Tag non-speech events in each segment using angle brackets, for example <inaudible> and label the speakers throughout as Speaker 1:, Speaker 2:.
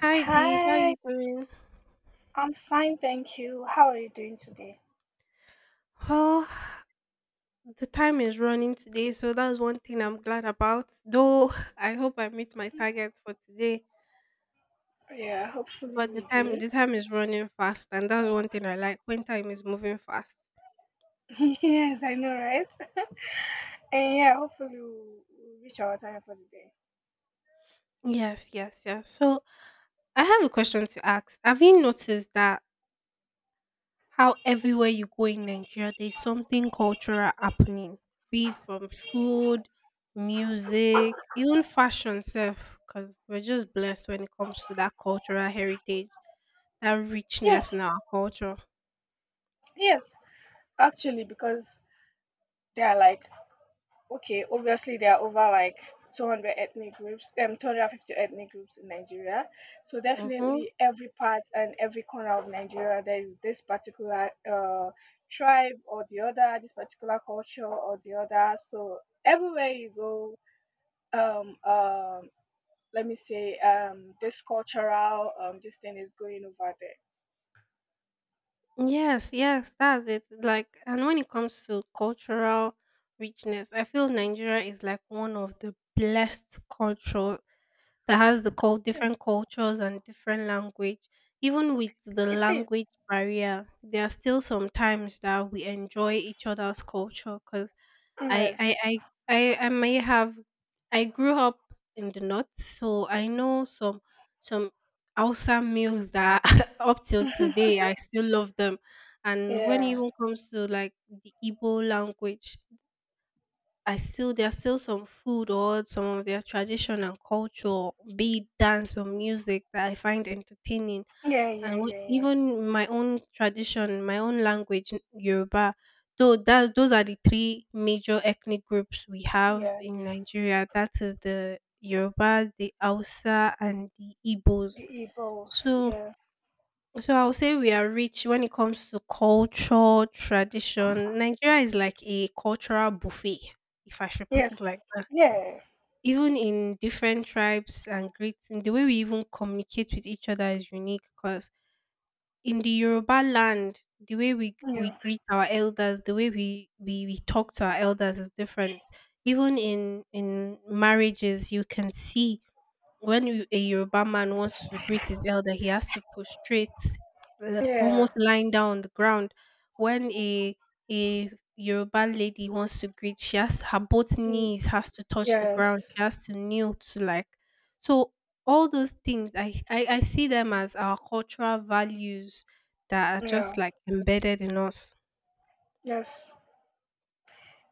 Speaker 1: Hi Dee, how you
Speaker 2: Hi,
Speaker 1: doing?
Speaker 2: I'm fine, thank you. How are you doing today?
Speaker 1: Well, the time is running today, so that's one thing I'm glad about, though <laughs> I hope I meet my targets for today,
Speaker 2: Yeah, hopefully
Speaker 1: but the
Speaker 2: we
Speaker 1: time
Speaker 2: do.
Speaker 1: the time is running fast, and that's one thing I like when time is moving fast.
Speaker 2: <laughs> Yes, I know, right? And yeah, hopefully we'll reach our time for the day.
Speaker 1: Yes, yes, yes. So I have a question to ask. Have you noticed that how everywhere you go in Nigeria, there's something cultural happening, be it from food, music, even fashion self, because we're just blessed when it comes to that cultural heritage, that richness in
Speaker 2: Yes,
Speaker 1: our culture.
Speaker 2: yes, actually, because they are like okay, obviously there are over 200 ethnic groups, 250 ethnic groups in Nigeria. So
Speaker 1: Mm-hmm.
Speaker 2: definitely every part and every corner of Nigeria, there is this particular tribe or the other, this particular culture or the other. So everywhere you go, um, um, let me say, this cultural, this thing is going over there.
Speaker 1: Yes, yes, that's it. Like, and when it comes to cultural richness, I feel Nigeria is like one of the blessed culture that has the different
Speaker 2: Yes,
Speaker 1: cultures and different language. Even with the
Speaker 2: it is.
Speaker 1: language barrier, there are still some times that we enjoy each other's culture. Cause I
Speaker 2: Yes.
Speaker 1: I I I may have I grew up in the north, so I know some Hausa meals that <laughs> up till today I
Speaker 2: <laughs>
Speaker 1: still love them. And when it
Speaker 2: Yeah.
Speaker 1: even comes to like the Igbo language, I still there's still some food or some of their tradition and culture, be it dance or music that I find entertaining.
Speaker 2: Yeah, yeah,
Speaker 1: And what,
Speaker 2: yeah, yeah.
Speaker 1: even my own tradition, my own language, Yoruba, though that those are the three major ethnic groups we have in
Speaker 2: Yes.
Speaker 1: Nigeria. That is the Yoruba, the Hausa, and the Igbos.
Speaker 2: The Igbos.
Speaker 1: So
Speaker 2: Yeah.
Speaker 1: so I'll say we are rich when it comes to culture, tradition. Nigeria is like a cultural buffet, if I should put it
Speaker 2: Yes.
Speaker 1: like that.
Speaker 2: Yeah.
Speaker 1: Even in different tribes and greeting, the way we even communicate with each other is unique because in the Yoruba land, the way we
Speaker 2: Yeah.
Speaker 1: greet our elders, the way we talk to our elders is different. Even in marriages, you can see a Yoruba man wants to greet his elder, he has to prostrate,
Speaker 2: Yeah.
Speaker 1: almost lying down on the ground. When a Yoruba lady wants to greet, she has her both
Speaker 2: Mm,
Speaker 1: knees has to touch the ground.
Speaker 2: yes.
Speaker 1: She has to kneel to, like. So all those things, I see them as our cultural values that are
Speaker 2: Yeah.
Speaker 1: just like embedded in us.
Speaker 2: Yes.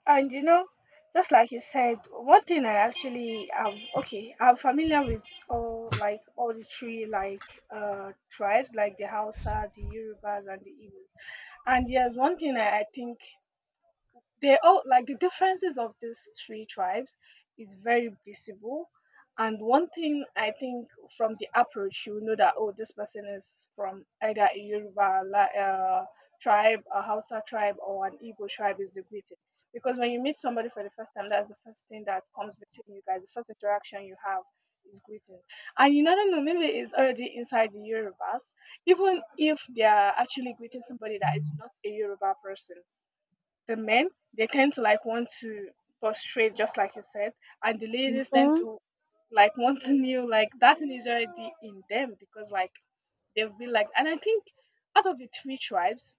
Speaker 2: And you know, just like you said, one thing I actually am okay, I'm familiar with all the three like tribes, like the Hausa, the Yorubas and the Igbos. And yes, one thing I think they all like the differences of these three tribes is very visible, and one thing I think, from the approach, you know that oh, this person is from either a tribe, a Hausa tribe or an Igbo tribe is the greeting. Because when you meet somebody for the first time, that's the first thing that comes between you guys, the first interaction you have is greeting. And you never know, maybe it's already inside the Yorubas, even if they are actually greeting somebody that is not a Yoruba person, the men, they tend to like want to prostrate, just like you said, and the ladies tend
Speaker 1: Hmm.
Speaker 2: to like want to kneel. Like that thing is already in them, because like they've been like and I think out of the three tribes,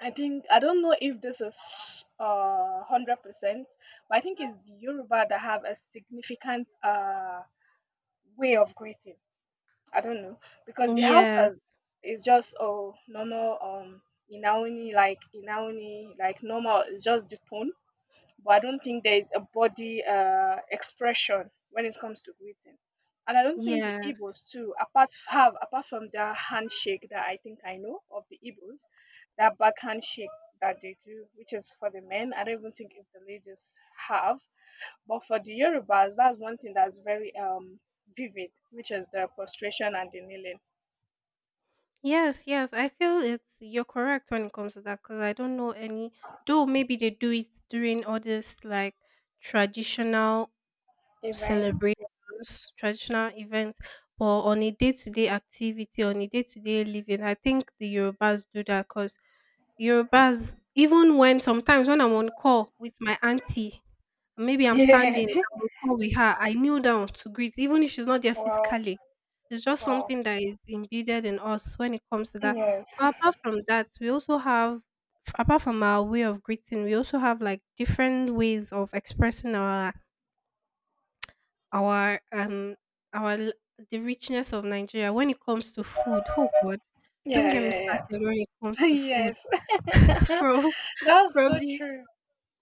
Speaker 2: I think, I don't know if this is 100%, but I think it's the Yoruba that have a significant way of greeting. I don't know, because the house
Speaker 1: Yeah.
Speaker 2: has is just oh, normal, inaoni, like inaoni, like normal. It's just the tone, but I don't think there is a body expression when it comes to greeting. And I don't think the
Speaker 1: Yeah.
Speaker 2: Igbos too, apart from their handshake, that I think I know of the Igbos, that back handshake that they do, which is for the men. I don't even think if the ladies have. But for the Yorubas, that's one thing that's very vivid, which is the prostration and the kneeling.
Speaker 1: Yes, yes, I feel it's you're correct when it comes to that because I don't know any. Though maybe they do it during all this like traditional
Speaker 2: Even
Speaker 1: celebrations, traditional events, but on a day-to-day activity, on a day-to-day living, I think the Yorubas do that because Yorubas, even when sometimes when I'm on call with my auntie, maybe I'm
Speaker 2: <laughs>
Speaker 1: standing, I
Speaker 2: yeah.
Speaker 1: will call with her. I kneel down to greet, even if she's not there
Speaker 2: Wow,
Speaker 1: physically. It's just
Speaker 2: wow.
Speaker 1: something that is embedded in us when it comes to that.
Speaker 2: Yes.
Speaker 1: But apart from that, we also have, apart from our way of greeting, we also have like different ways of expressing our um our l- the richness of Nigeria when it comes to food. Oh God, don't
Speaker 2: Yeah,
Speaker 1: get me
Speaker 2: yeah,
Speaker 1: started when it comes
Speaker 2: yeah. <laughs>
Speaker 1: to food.
Speaker 2: Yes.
Speaker 1: <laughs>
Speaker 2: <laughs>
Speaker 1: From
Speaker 2: That's
Speaker 1: from
Speaker 2: so
Speaker 1: the
Speaker 2: true.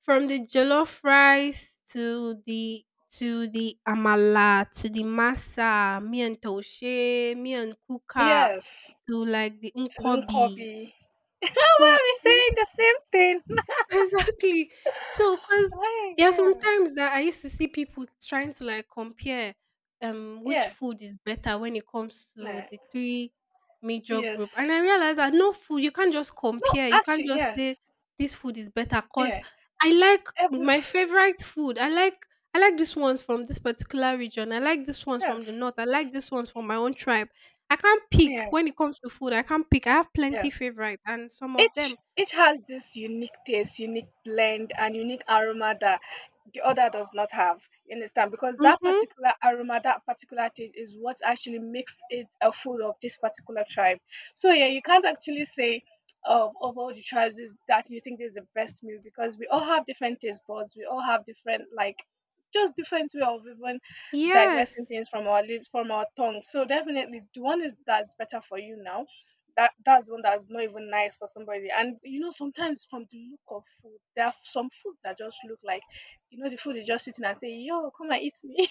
Speaker 1: From the jollof rice to the amala, to the masa, Toshé, me and kuka,
Speaker 2: Yes,
Speaker 1: to like the
Speaker 2: Tulum
Speaker 1: nkwobi.
Speaker 2: Kobe. <laughs> Why
Speaker 1: So
Speaker 2: are we saying the same thing?
Speaker 1: <laughs> exactly. So,
Speaker 2: <laughs>
Speaker 1: because
Speaker 2: Oh,
Speaker 1: there are some
Speaker 2: yeah.
Speaker 1: times that I used to see people trying to like compare which
Speaker 2: Yeah.
Speaker 1: food is better when it comes to
Speaker 2: Nah.
Speaker 1: the three major
Speaker 2: Yes.
Speaker 1: group, and I realized that no food you can't just
Speaker 2: No,
Speaker 1: compare. You can't
Speaker 2: actually,
Speaker 1: just say
Speaker 2: yes.
Speaker 1: this food is better because
Speaker 2: Yeah.
Speaker 1: I like
Speaker 2: Every,
Speaker 1: my favorite food. I like this ones from this particular region. I like this ones from
Speaker 2: yes.
Speaker 1: the north. I like this ones from my own tribe. I can't pick
Speaker 2: Yeah.
Speaker 1: when it comes to food. I can't pick. I have
Speaker 2: Yeah.
Speaker 1: plenty favorite, and some of them.
Speaker 2: Each has this unique taste, unique blend, and unique aroma that the other does not have. You understand? Because that
Speaker 1: Mm-hmm.
Speaker 2: particular aroma, that particular taste is what actually makes it a food of this particular tribe. So yeah, you can't actually say of all the tribes is that you think this is the best meal, because we all have different taste buds, we all have different like just different way of even digesting
Speaker 1: Yes.
Speaker 2: things from our lips, from our tongue. So definitely the one is that's better for you now, that that's one that's not even nice for somebody. And you know, sometimes from the look of food, there are some foods that just look like, you know, the food is just sitting and saying, "Yo, come and eat me."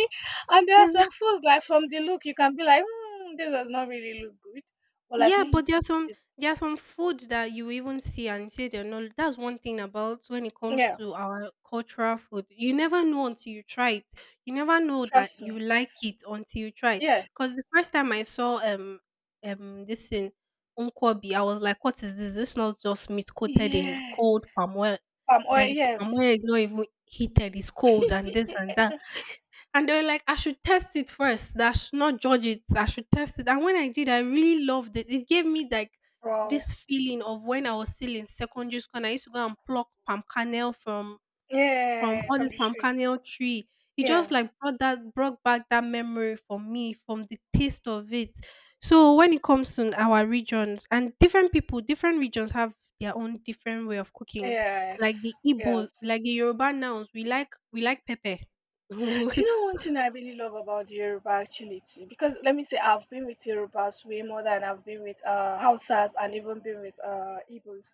Speaker 2: <laughs> And there are some
Speaker 1: Exact
Speaker 2: foods like from the look, you can be like, mm, "This does not really look good," but like
Speaker 1: Yeah,
Speaker 2: when you
Speaker 1: but there are
Speaker 2: taste
Speaker 1: some
Speaker 2: it,
Speaker 1: there are some foods that you even see and say they're not. That's one thing about when it comes
Speaker 2: yeah,
Speaker 1: to our cultural food. You never know until you try it. You never know that
Speaker 2: trust
Speaker 1: you
Speaker 2: me,
Speaker 1: like it until you try it.
Speaker 2: yeah,
Speaker 1: Because the first time I saw this in Nkwobi, I was like, what is this? This not just meat coated in
Speaker 2: yeah,
Speaker 1: cold palm oil.
Speaker 2: palm oil,
Speaker 1: That the
Speaker 2: yes,
Speaker 1: palm oil is not even heated, it's cold and this and that. And they were like, I should test it first. That I should not judge it. I should test it. And when I did, I really loved it. It gave me like
Speaker 2: bro,
Speaker 1: this feeling of when I was still in secondary school and I used to go and pluck palm kernel from
Speaker 2: yeah,
Speaker 1: all
Speaker 2: from
Speaker 1: this
Speaker 2: the
Speaker 1: palm
Speaker 2: tree,
Speaker 1: kernel tree. It just
Speaker 2: yeah,
Speaker 1: like brought that brought back that memory for me from the taste of it. So when it comes to our regions and different people, different regions have their own different way of cooking. Like
Speaker 2: yes,
Speaker 1: the Igbo,
Speaker 2: yes.
Speaker 1: like the Yoruba nouns, we like pepper.
Speaker 2: Do you know
Speaker 1: <laughs>
Speaker 2: one thing I really love about Yoruba actually? It's- because let me say, I've been with Yorubas way more than I've been with Hausas, and even been with Igbos.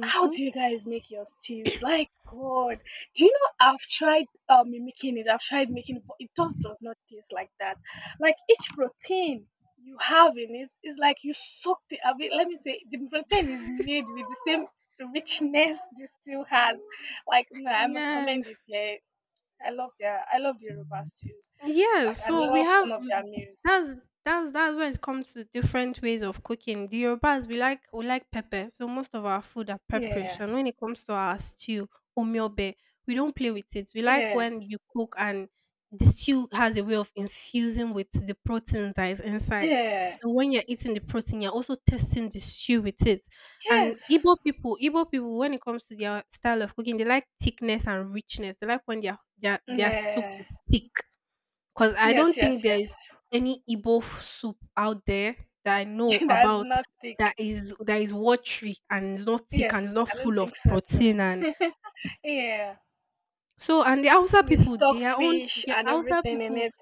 Speaker 2: How do you guys make your stews? Like, God. Do you know I've tried mimicking it? I've tried making it, but it just does not taste like that. Like, each protein you have in it is like you soaked it. I mean, let me say, the protein is made with the same richness this stew has. Like, no, I must commend it.
Speaker 1: Yes.
Speaker 2: Yeah, I love the Yoruba stews.
Speaker 1: Yes,
Speaker 2: Like I
Speaker 1: so we
Speaker 2: love
Speaker 1: have
Speaker 2: some of their meals.
Speaker 1: that's that's when it comes to different ways of cooking. The Yorubas we like pepper, so most of our food are pepperish.
Speaker 2: Yeah.
Speaker 1: And when it comes to our stew, omiobe, we don't play with it. We like
Speaker 2: Yeah.
Speaker 1: when you cook and the stew has a way of infusing with the protein that is inside.
Speaker 2: Yeah.
Speaker 1: So when you're eating the protein, you're also testing the stew with it. And
Speaker 2: Yes.
Speaker 1: Igbo people, when it comes to their style of cooking, they like thickness and richness. They like when their soup is
Speaker 2: Yeah.
Speaker 1: thick because I
Speaker 2: Yes,
Speaker 1: don't think
Speaker 2: yes, yes.
Speaker 1: there's any Igbo soup out there that I know
Speaker 2: <laughs> That's
Speaker 1: about
Speaker 2: not thick.
Speaker 1: that is watery and it's not thick
Speaker 2: Yes,
Speaker 1: and it's not
Speaker 2: I don't
Speaker 1: full of
Speaker 2: think so too.
Speaker 1: protein. And
Speaker 2: <laughs> Yeah.
Speaker 1: so, and the Hausa
Speaker 2: With
Speaker 1: people,
Speaker 2: stockfish
Speaker 1: their
Speaker 2: and
Speaker 1: Hausa
Speaker 2: everything in
Speaker 1: people,
Speaker 2: it.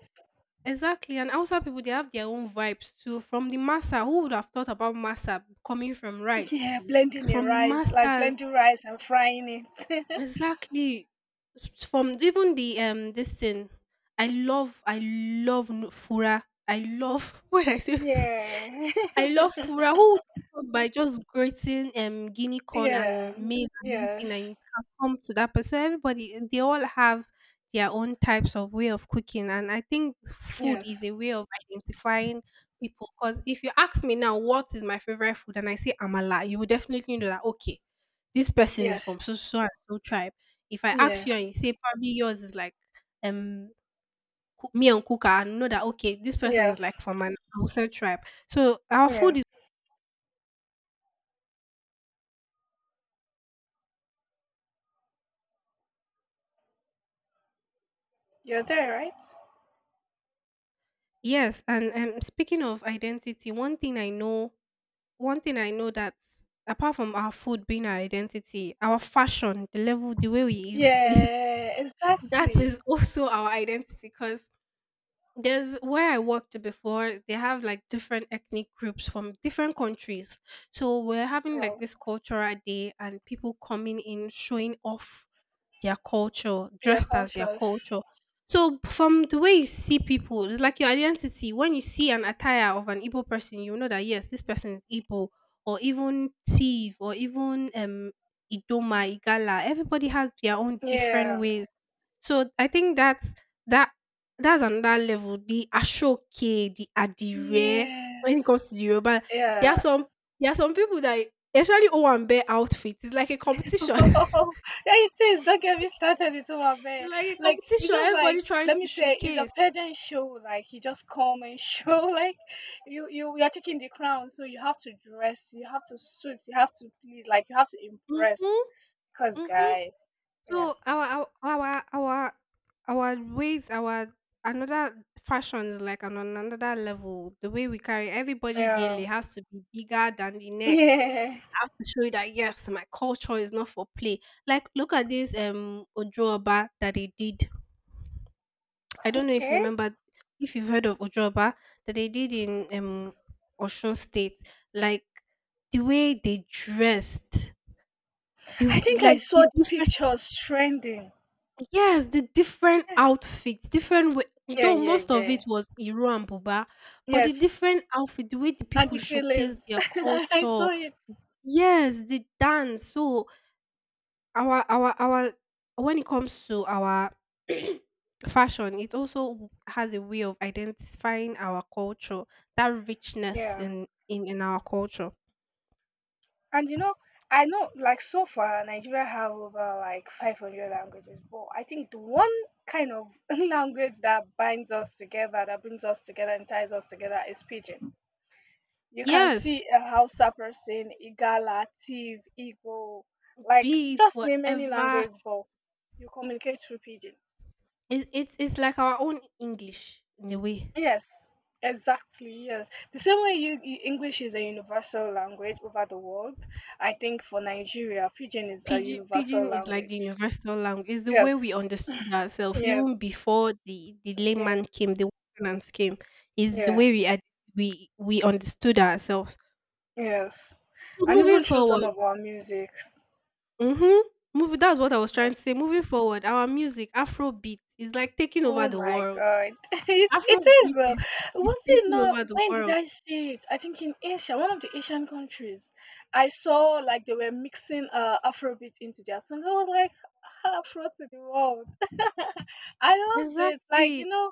Speaker 1: exactly, and Hausa people they have their own vibes too. From the masa, who would have thought about masa coming from rice?
Speaker 2: Yeah, blending the
Speaker 1: From the
Speaker 2: rice, like
Speaker 1: masters
Speaker 2: blending rice and frying it.
Speaker 1: exactly, from even the this thing. I love fura. I love <laughs> when I say
Speaker 2: Yeah.
Speaker 1: I love fura. Who would cook by just grating guinea
Speaker 2: <laughs>
Speaker 1: corn
Speaker 2: Yeah.
Speaker 1: and maize and
Speaker 2: Yes.
Speaker 1: everything and it can come to that person? Everybody they all have their own types of way of cooking, and I think food
Speaker 2: Yes.
Speaker 1: is a way of identifying people, because if you ask me now what is my favorite food and I say amala, you will definitely know that okay, this person is
Speaker 2: Yes.
Speaker 1: from so so so and so tribe. If I ask
Speaker 2: Yeah.
Speaker 1: you and you say probably yours is like um me and kuka, I know that okay, this person is
Speaker 2: Yes.
Speaker 1: like from an outside tribe. So our
Speaker 2: Yeah.
Speaker 1: food
Speaker 2: You're there, right?
Speaker 1: Yes, and speaking of identity, one thing I know that apart from our food being our identity, our fashion, the level, the way we
Speaker 2: Yeah,
Speaker 1: <laughs> that
Speaker 2: exactly.
Speaker 1: is also our identity. Because there's where I worked before, they have like different ethnic groups from different countries. So we're having like
Speaker 2: Of
Speaker 1: this cultural day, and people coming in showing off their culture,
Speaker 2: their
Speaker 1: dressed as their
Speaker 2: cultures.
Speaker 1: culture. So from the way you see people, it's like your identity. When you see an attire of an Igbo person, you know that yes, this person is Igbo, or even Tiv, or even Idoma, Igala. Everybody has their own different
Speaker 2: Yeah.
Speaker 1: ways. So I think that that's another level. The Ashoke, the Adire,
Speaker 2: Yes.
Speaker 1: when it comes to Yoruba, there are
Speaker 2: Yeah.
Speaker 1: some people that especially Owambe outfits. It's like a
Speaker 2: <laughs>
Speaker 1: competition.
Speaker 2: Yeah,
Speaker 1: <laughs>
Speaker 2: it is. Don't get me started with Umabe.
Speaker 1: It's like a
Speaker 2: Like, it's
Speaker 1: competition,
Speaker 2: just like,
Speaker 1: everybody trying
Speaker 2: let
Speaker 1: to
Speaker 2: me say, it's a
Speaker 1: showcase.
Speaker 2: pageant show. Like, you just come and show. <laughs> Like, you are taking the crown. So you have to dress, you have to suit, you have to please, like, you have to
Speaker 1: Mhm,
Speaker 2: impress. Because,
Speaker 1: mhm.
Speaker 2: guy, yeah.
Speaker 1: So our our our our ways, our another fashion is like on another level. The way we carry everybody gaily
Speaker 2: Yeah. <laughs>
Speaker 1: has to be bigger than the next.
Speaker 2: Yeah.
Speaker 1: I have to show you that yes, my culture is not for play. Like look at this Ojuoba that they did. I don't know if you
Speaker 2: Okay.
Speaker 1: remember if you've heard of Ojoba that they did in Osun State. Like the way they dressed, the
Speaker 2: I think I
Speaker 1: like the
Speaker 2: saw the
Speaker 1: different
Speaker 2: pictures trending.
Speaker 1: yes, the different outfits, different way,
Speaker 2: Yeah,
Speaker 1: though
Speaker 2: yeah,
Speaker 1: most of it
Speaker 2: yeah.
Speaker 1: was Iro and Buba, but the
Speaker 2: Yes,
Speaker 1: different outfit, the way the
Speaker 2: and
Speaker 1: people
Speaker 2: the Gillies.
Speaker 1: showcase
Speaker 2: <laughs>
Speaker 1: their
Speaker 2: I
Speaker 1: culture,
Speaker 2: saw it.
Speaker 1: yes, the dance. So our when it comes to our <clears throat> fashion, it also has a way of identifying our culture, that richness
Speaker 2: Yeah,
Speaker 1: in our culture.
Speaker 2: and you know, I know like so far Nigeria have over 500 languages, but I think the one kind of <laughs> language that binds us together, that brings us together and ties us together is Pidgin. You can
Speaker 1: Yes,
Speaker 2: see a Hausa person, Igala, Tiv, Igbo, like
Speaker 1: be it
Speaker 2: just name any
Speaker 1: whatever.
Speaker 2: language, but you communicate through Pidgin.
Speaker 1: It, it's like our own English in a way.
Speaker 2: Yes, exactly. Yes, the same way you, you English is a universal language over the world. I think for Nigeria, Pidgin is a
Speaker 1: Pidgin,
Speaker 2: universal
Speaker 1: Pidgin is like the
Speaker 2: language.
Speaker 1: universal language. It's the way we
Speaker 2: Yes,
Speaker 1: understood ourselves
Speaker 2: yes,
Speaker 1: even before the layman
Speaker 2: yes,
Speaker 1: came, the Westerners came. Is the
Speaker 2: yeah,
Speaker 1: way we we understood ourselves.
Speaker 2: yes,
Speaker 1: So
Speaker 2: and
Speaker 1: moving
Speaker 2: even through
Speaker 1: forward,
Speaker 2: some of our music.
Speaker 1: mhm, moving that's what I was trying to say. Moving forward, our music, Afrobeat, is like taking over
Speaker 2: Oh
Speaker 1: the
Speaker 2: my
Speaker 1: world.
Speaker 2: God. <laughs> It is
Speaker 1: Afrobeat
Speaker 2: though.
Speaker 1: is
Speaker 2: Was it
Speaker 1: taking
Speaker 2: not
Speaker 1: over the
Speaker 2: when did
Speaker 1: world.
Speaker 2: I see it? I think in Asia, one of the Asian countries. I saw like they were mixing Afrobeat into their song. I was like Afro to the world. <laughs> I loved it. Like, you
Speaker 1: Exactly.
Speaker 2: know,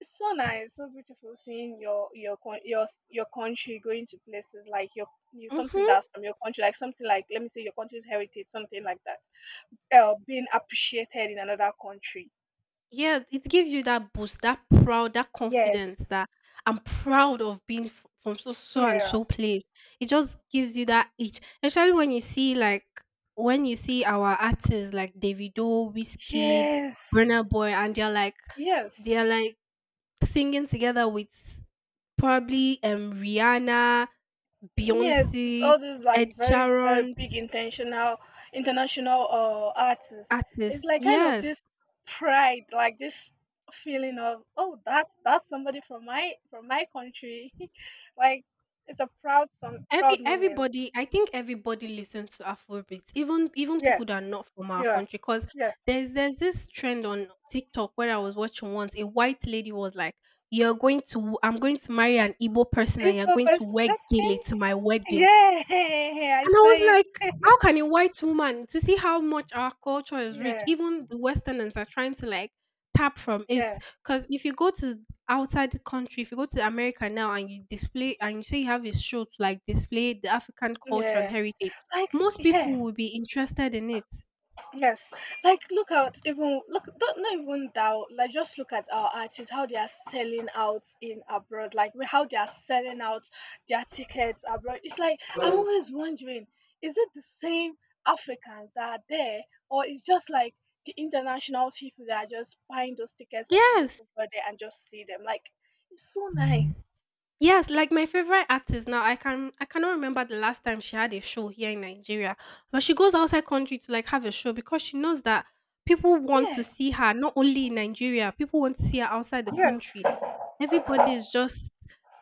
Speaker 2: it's so nice, so beautiful seeing your country going to places like your you something
Speaker 1: Mhm.
Speaker 2: that's from your country, like something, like let me say your country's heritage, something like that. Being appreciated in another country.
Speaker 1: Yeah, it gives you that boost, that proud, that
Speaker 2: Yes.
Speaker 1: confidence. That I'm proud of being from so so and
Speaker 2: Yeah.
Speaker 1: so place. It just gives you that itch, especially when you see when you see our artists like Davido, Wizkid,
Speaker 2: Yes,
Speaker 1: Burna Boy, and they're like they're
Speaker 2: yes,
Speaker 1: like singing together with probably Rihanna,
Speaker 2: yes. With
Speaker 1: Beyonce,
Speaker 2: all these
Speaker 1: Ed
Speaker 2: like very, very
Speaker 1: Sheeran's
Speaker 2: big intentional international artists, it's
Speaker 1: artists.
Speaker 2: like kind of
Speaker 1: Yes.
Speaker 2: this pride, like this feeling of oh, that's somebody from my country. <laughs> Like, it's a proud, some
Speaker 1: Every
Speaker 2: proud moment.
Speaker 1: everybody, I think everybody listens to Afrobeats, even
Speaker 2: Yeah,
Speaker 1: people that are not from our
Speaker 2: yeah,
Speaker 1: country. Cause
Speaker 2: yeah.
Speaker 1: there's this trend on TikTok where I was watching once. A white lady was like, "You're going to, I'm going to marry an Igbo person, and you're
Speaker 2: Info
Speaker 1: going to
Speaker 2: person.
Speaker 1: wear
Speaker 2: Okay.
Speaker 1: gele to my wedding."
Speaker 2: Yeah, <laughs> I
Speaker 1: And I
Speaker 2: saw
Speaker 1: was
Speaker 2: it.
Speaker 1: like, how
Speaker 2: <laughs>
Speaker 1: can a white woman to see how much our culture is rich,
Speaker 2: Yeah,
Speaker 1: even the Westerners are trying to like tap from it.
Speaker 2: yeah,
Speaker 1: Because if you go to outside the country, if you go to America now and you display and you say you have a show to like display the African culture and
Speaker 2: yeah.
Speaker 1: heritage,
Speaker 2: Like,
Speaker 1: most
Speaker 2: yeah.
Speaker 1: people will be interested in it.
Speaker 2: Yes, like look at even look, don't not even doubt, like just look at our artists how they are selling out in abroad, like we- how they are selling out their tickets abroad. It's like I'm always wondering, is it the same Africans that are there, or it's just like the international people that are just buying those tickets to go
Speaker 1: Yes.
Speaker 2: over there and just see them? Like it's so nice.
Speaker 1: Yes, like my favorite artist now, I cannot remember the last time she had a show here in Nigeria, but she goes outside country to like have a show because she knows that people want to
Speaker 2: Yeah.
Speaker 1: see her not only in Nigeria, people want to see her outside the
Speaker 2: Yes.
Speaker 1: country. Everybody is just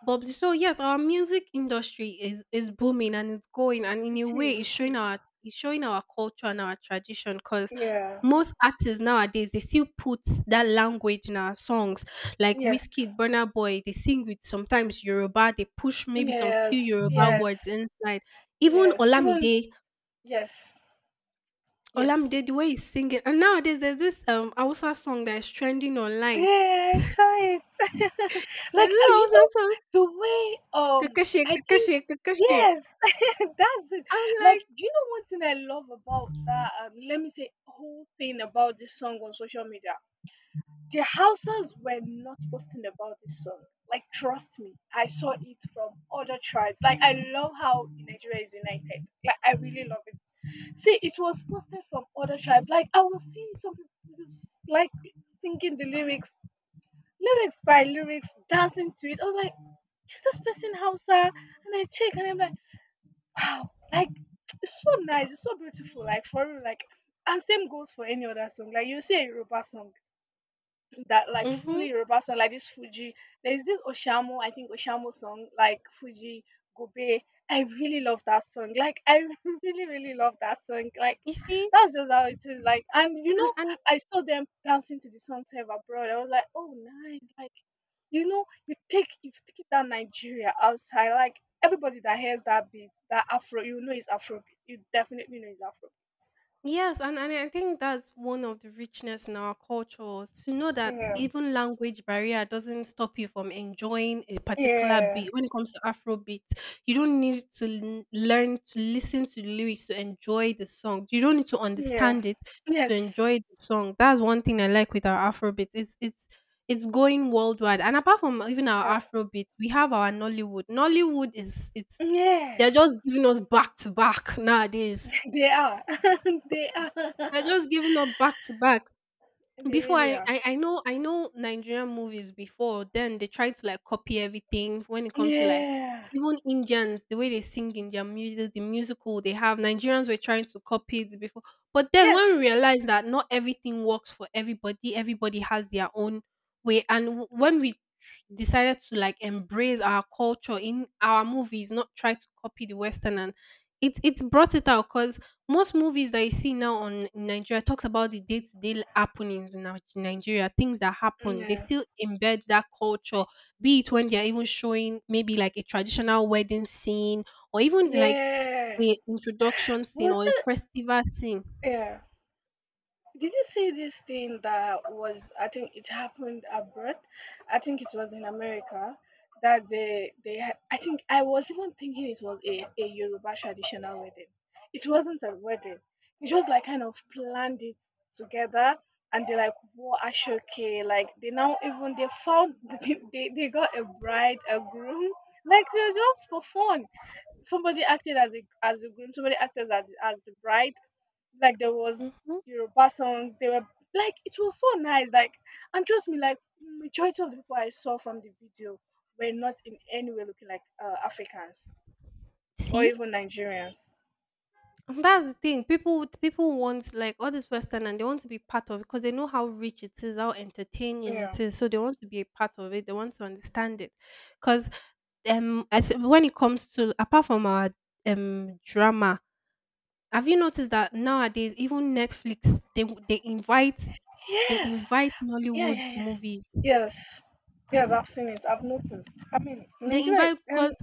Speaker 1: bubbly. So yes, our music industry is booming and it's going, and in
Speaker 2: It
Speaker 1: a way,
Speaker 2: is. It is.
Speaker 1: it's showing our culture and our tradition because
Speaker 2: Yeah.
Speaker 1: most artists nowadays they still put that language in our songs like
Speaker 2: Yes.
Speaker 1: whiskey Burna Boy, they sing with sometimes Yoruba, they push maybe some few
Speaker 2: Yes.
Speaker 1: Yoruba
Speaker 2: Yes.
Speaker 1: words inside. Even
Speaker 2: Yes, even
Speaker 1: Olamide,
Speaker 2: yes, yes.
Speaker 1: Olamide, the way he's singing. And nowadays, there's this Hausa song that is trending online.
Speaker 2: Yeah, I saw it. <laughs>
Speaker 1: There's
Speaker 2: Like,
Speaker 1: this
Speaker 2: you
Speaker 1: Hausa
Speaker 2: know,
Speaker 1: song,
Speaker 2: the way,
Speaker 1: Kakashe,
Speaker 2: I think,
Speaker 1: Kakashe, Kakashe.
Speaker 2: yes, <laughs> that's it.
Speaker 1: I'm
Speaker 2: Like,
Speaker 1: like,
Speaker 2: do you know one thing I love about that? Let me say, whole thing about this song on social media. The Hausas were not posting about this song. Like, trust me, I saw it from other tribes. Like, I love how Nigeria is united. Like, I really love it. See, it was posted from other tribes. Like, I was seeing some people like singing the lyrics, lyrics by lyrics, dancing to it. I was like, is this person Hausa? And I check, and I'm like, wow, like it's so nice, it's so beautiful. Like for real, like and same goes for any other song. Like you see a Yoruba song that like
Speaker 1: mm-hmm,
Speaker 2: fully Yoruba song, like this Fuji. There's this Oshamo, I think Oshamo song, like Fuji Gobe. I really love that song. Like I <laughs> really, really love that song. Like
Speaker 1: you see?
Speaker 2: that's just how it is. Like and you
Speaker 1: And,
Speaker 2: know,
Speaker 1: and
Speaker 2: I saw them dancing to the song save abroad. I was like, oh nice. Like you know, you take if you take that Nigeria outside, like everybody that hears that beat, that Afro, you know it's Afro. You definitely know it's Afro.
Speaker 1: and I think that's one of the richness in our culture to know that
Speaker 2: Yeah.
Speaker 1: even language barrier doesn't stop you from enjoying a particular
Speaker 2: Yeah.
Speaker 1: beat. When it comes to Afrobeat, you don't need to learn to listen to the lyrics to enjoy the song. You don't need to
Speaker 2: Yeah.
Speaker 1: understand it to
Speaker 2: Yes.
Speaker 1: enjoy the song. That's one thing I like with our Afrobeat. It's going worldwide. And apart from even our
Speaker 2: Yes.
Speaker 1: Afrobeat, we have our Nollywood. Nollywood is it's
Speaker 2: Yeah.
Speaker 1: they're just giving us back to back nowadays
Speaker 2: They are. <laughs> They are.
Speaker 1: we're just
Speaker 2: <laughs>
Speaker 1: giving up back to back.
Speaker 2: They
Speaker 1: Before
Speaker 2: really
Speaker 1: I,
Speaker 2: are.
Speaker 1: I I know I know Nigerian movies before then they try to like copy everything when it comes to like
Speaker 2: Yeah.
Speaker 1: even Indians, the way they sing in their music, the musical they have. Nigerians were trying to copy it before, but then
Speaker 2: Yes.
Speaker 1: when we realized that not everything works for everybody, everybody has their own way, and when we decided to like embrace our culture in our movies, not try to copy the western, and it brought it out because most movies that you see now on in Nigeria talks about the day-to-day happenings in Nigeria, things that happen. They
Speaker 2: Yeah.
Speaker 1: still embed that culture, be it when they're even showing maybe like a traditional wedding scene or even like
Speaker 2: Yeah.
Speaker 1: a introduction scene
Speaker 2: Was
Speaker 1: or a
Speaker 2: it?
Speaker 1: festival scene.
Speaker 2: Yeah. Did you see this thing that was? I think it happened abroad. I think it was in America that they they. Had- I think I was even thinking it was a Yoruba traditional wedding. It wasn't a wedding. It just like kind of planned it together, and they like wore ashoke. Like they now even they found, <laughs> they got a bride, a groom. Like it was just for fun. Somebody acted as a as the groom. Somebody acted as the bride like there was
Speaker 1: Hmm.
Speaker 2: Yoruba songs. They were like it was so nice. Like and trust me, like majority of the people I saw from the video were not in any way looking like Africans or
Speaker 1: See?
Speaker 2: even Nigerians.
Speaker 1: And that's the thing. People want like all this Western, and they want to be part of it because they know how rich it is, how entertaining it
Speaker 2: Yeah.
Speaker 1: is. So they want to be a part of it. They want to understand it. Because as when it comes to apart from our drama, have you noticed that nowadays even Netflix they invite, they
Speaker 2: Yes.
Speaker 1: invite
Speaker 2: Yeah,
Speaker 1: Nollywood
Speaker 2: yeah, yeah.
Speaker 1: movies.
Speaker 2: Yes. Yes, I've seen it. I've noticed. I mean,
Speaker 1: They
Speaker 2: Nigeria.
Speaker 1: invite because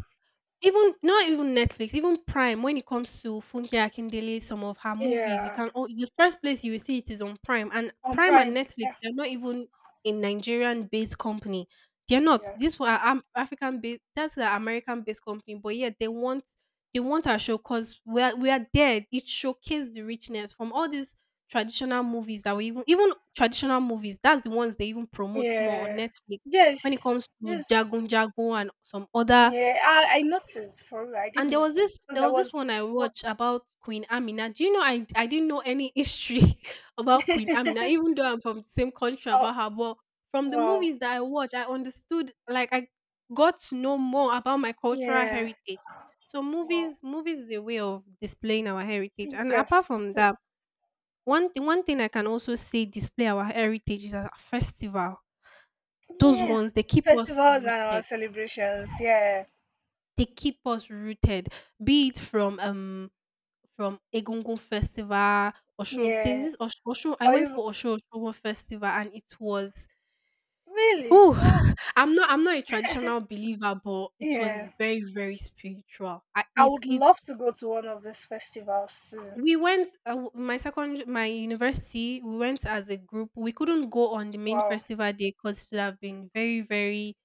Speaker 1: even not even Netflix, even Prime, when it comes to Funke Akindele, some of her movies, you
Speaker 2: Yeah.
Speaker 1: can, oh, the first place you will see it is on Prime. And
Speaker 2: On
Speaker 1: Prime and
Speaker 2: Prime. Yeah.
Speaker 1: Netflix, they're not even a Nigerian-based company. They're not.
Speaker 2: Yeah.
Speaker 1: These were African-based. That's the American-based company. But yeah, they want our show because we are there. It showcased the richness from all these traditional movies that we, even traditional movies. That's the ones they even promote more on
Speaker 2: Yeah.
Speaker 1: Netflix.
Speaker 2: Yes.
Speaker 1: When it comes to
Speaker 2: Yes.
Speaker 1: Jagun Jagun and some other,
Speaker 2: Yeah. I noticed for real. I did
Speaker 1: and there was
Speaker 2: notice
Speaker 1: this,
Speaker 2: because
Speaker 1: there
Speaker 2: I
Speaker 1: was this
Speaker 2: was.
Speaker 1: one I
Speaker 2: wa-
Speaker 1: watched about Queen Amina. Do you know I didn't know any history <laughs> about Queen Amina, even though I'm from the same country about
Speaker 2: <laughs>
Speaker 1: her. But from the
Speaker 2: Wow.
Speaker 1: movies that I watched, I understood, like I got to know more about my cultural
Speaker 2: Yeah.
Speaker 1: heritage. So
Speaker 2: Wow.
Speaker 1: movies is a way of displaying our heritage.
Speaker 2: <clears throat>
Speaker 1: And apart
Speaker 2: Yes,
Speaker 1: from
Speaker 2: it is.
Speaker 1: that, one thing I can also say display our heritage is a festival. Those ones
Speaker 2: Yes.
Speaker 1: they keep us
Speaker 2: Festivals and our
Speaker 1: rooted.
Speaker 2: celebrations. Yeah.
Speaker 1: They keep us rooted. Be it from from Egungun Festival, Oshun. There's
Speaker 2: Yeah.
Speaker 1: this Oshun. I
Speaker 2: Or
Speaker 1: went
Speaker 2: you
Speaker 1: for Oshun Festival, and it was.
Speaker 2: really?
Speaker 1: Oh,
Speaker 2: Wow.
Speaker 1: <laughs> I'm not. I'm not a traditional believer, but it was
Speaker 2: Yeah.
Speaker 1: very, very spiritual. I,
Speaker 2: I
Speaker 1: it.
Speaker 2: would
Speaker 1: It.
Speaker 2: love to go to one of these festivals too.
Speaker 1: We went. My second. My university. We went as a group. We couldn't go on the main
Speaker 2: Wow.
Speaker 1: festival day because it would have been very, very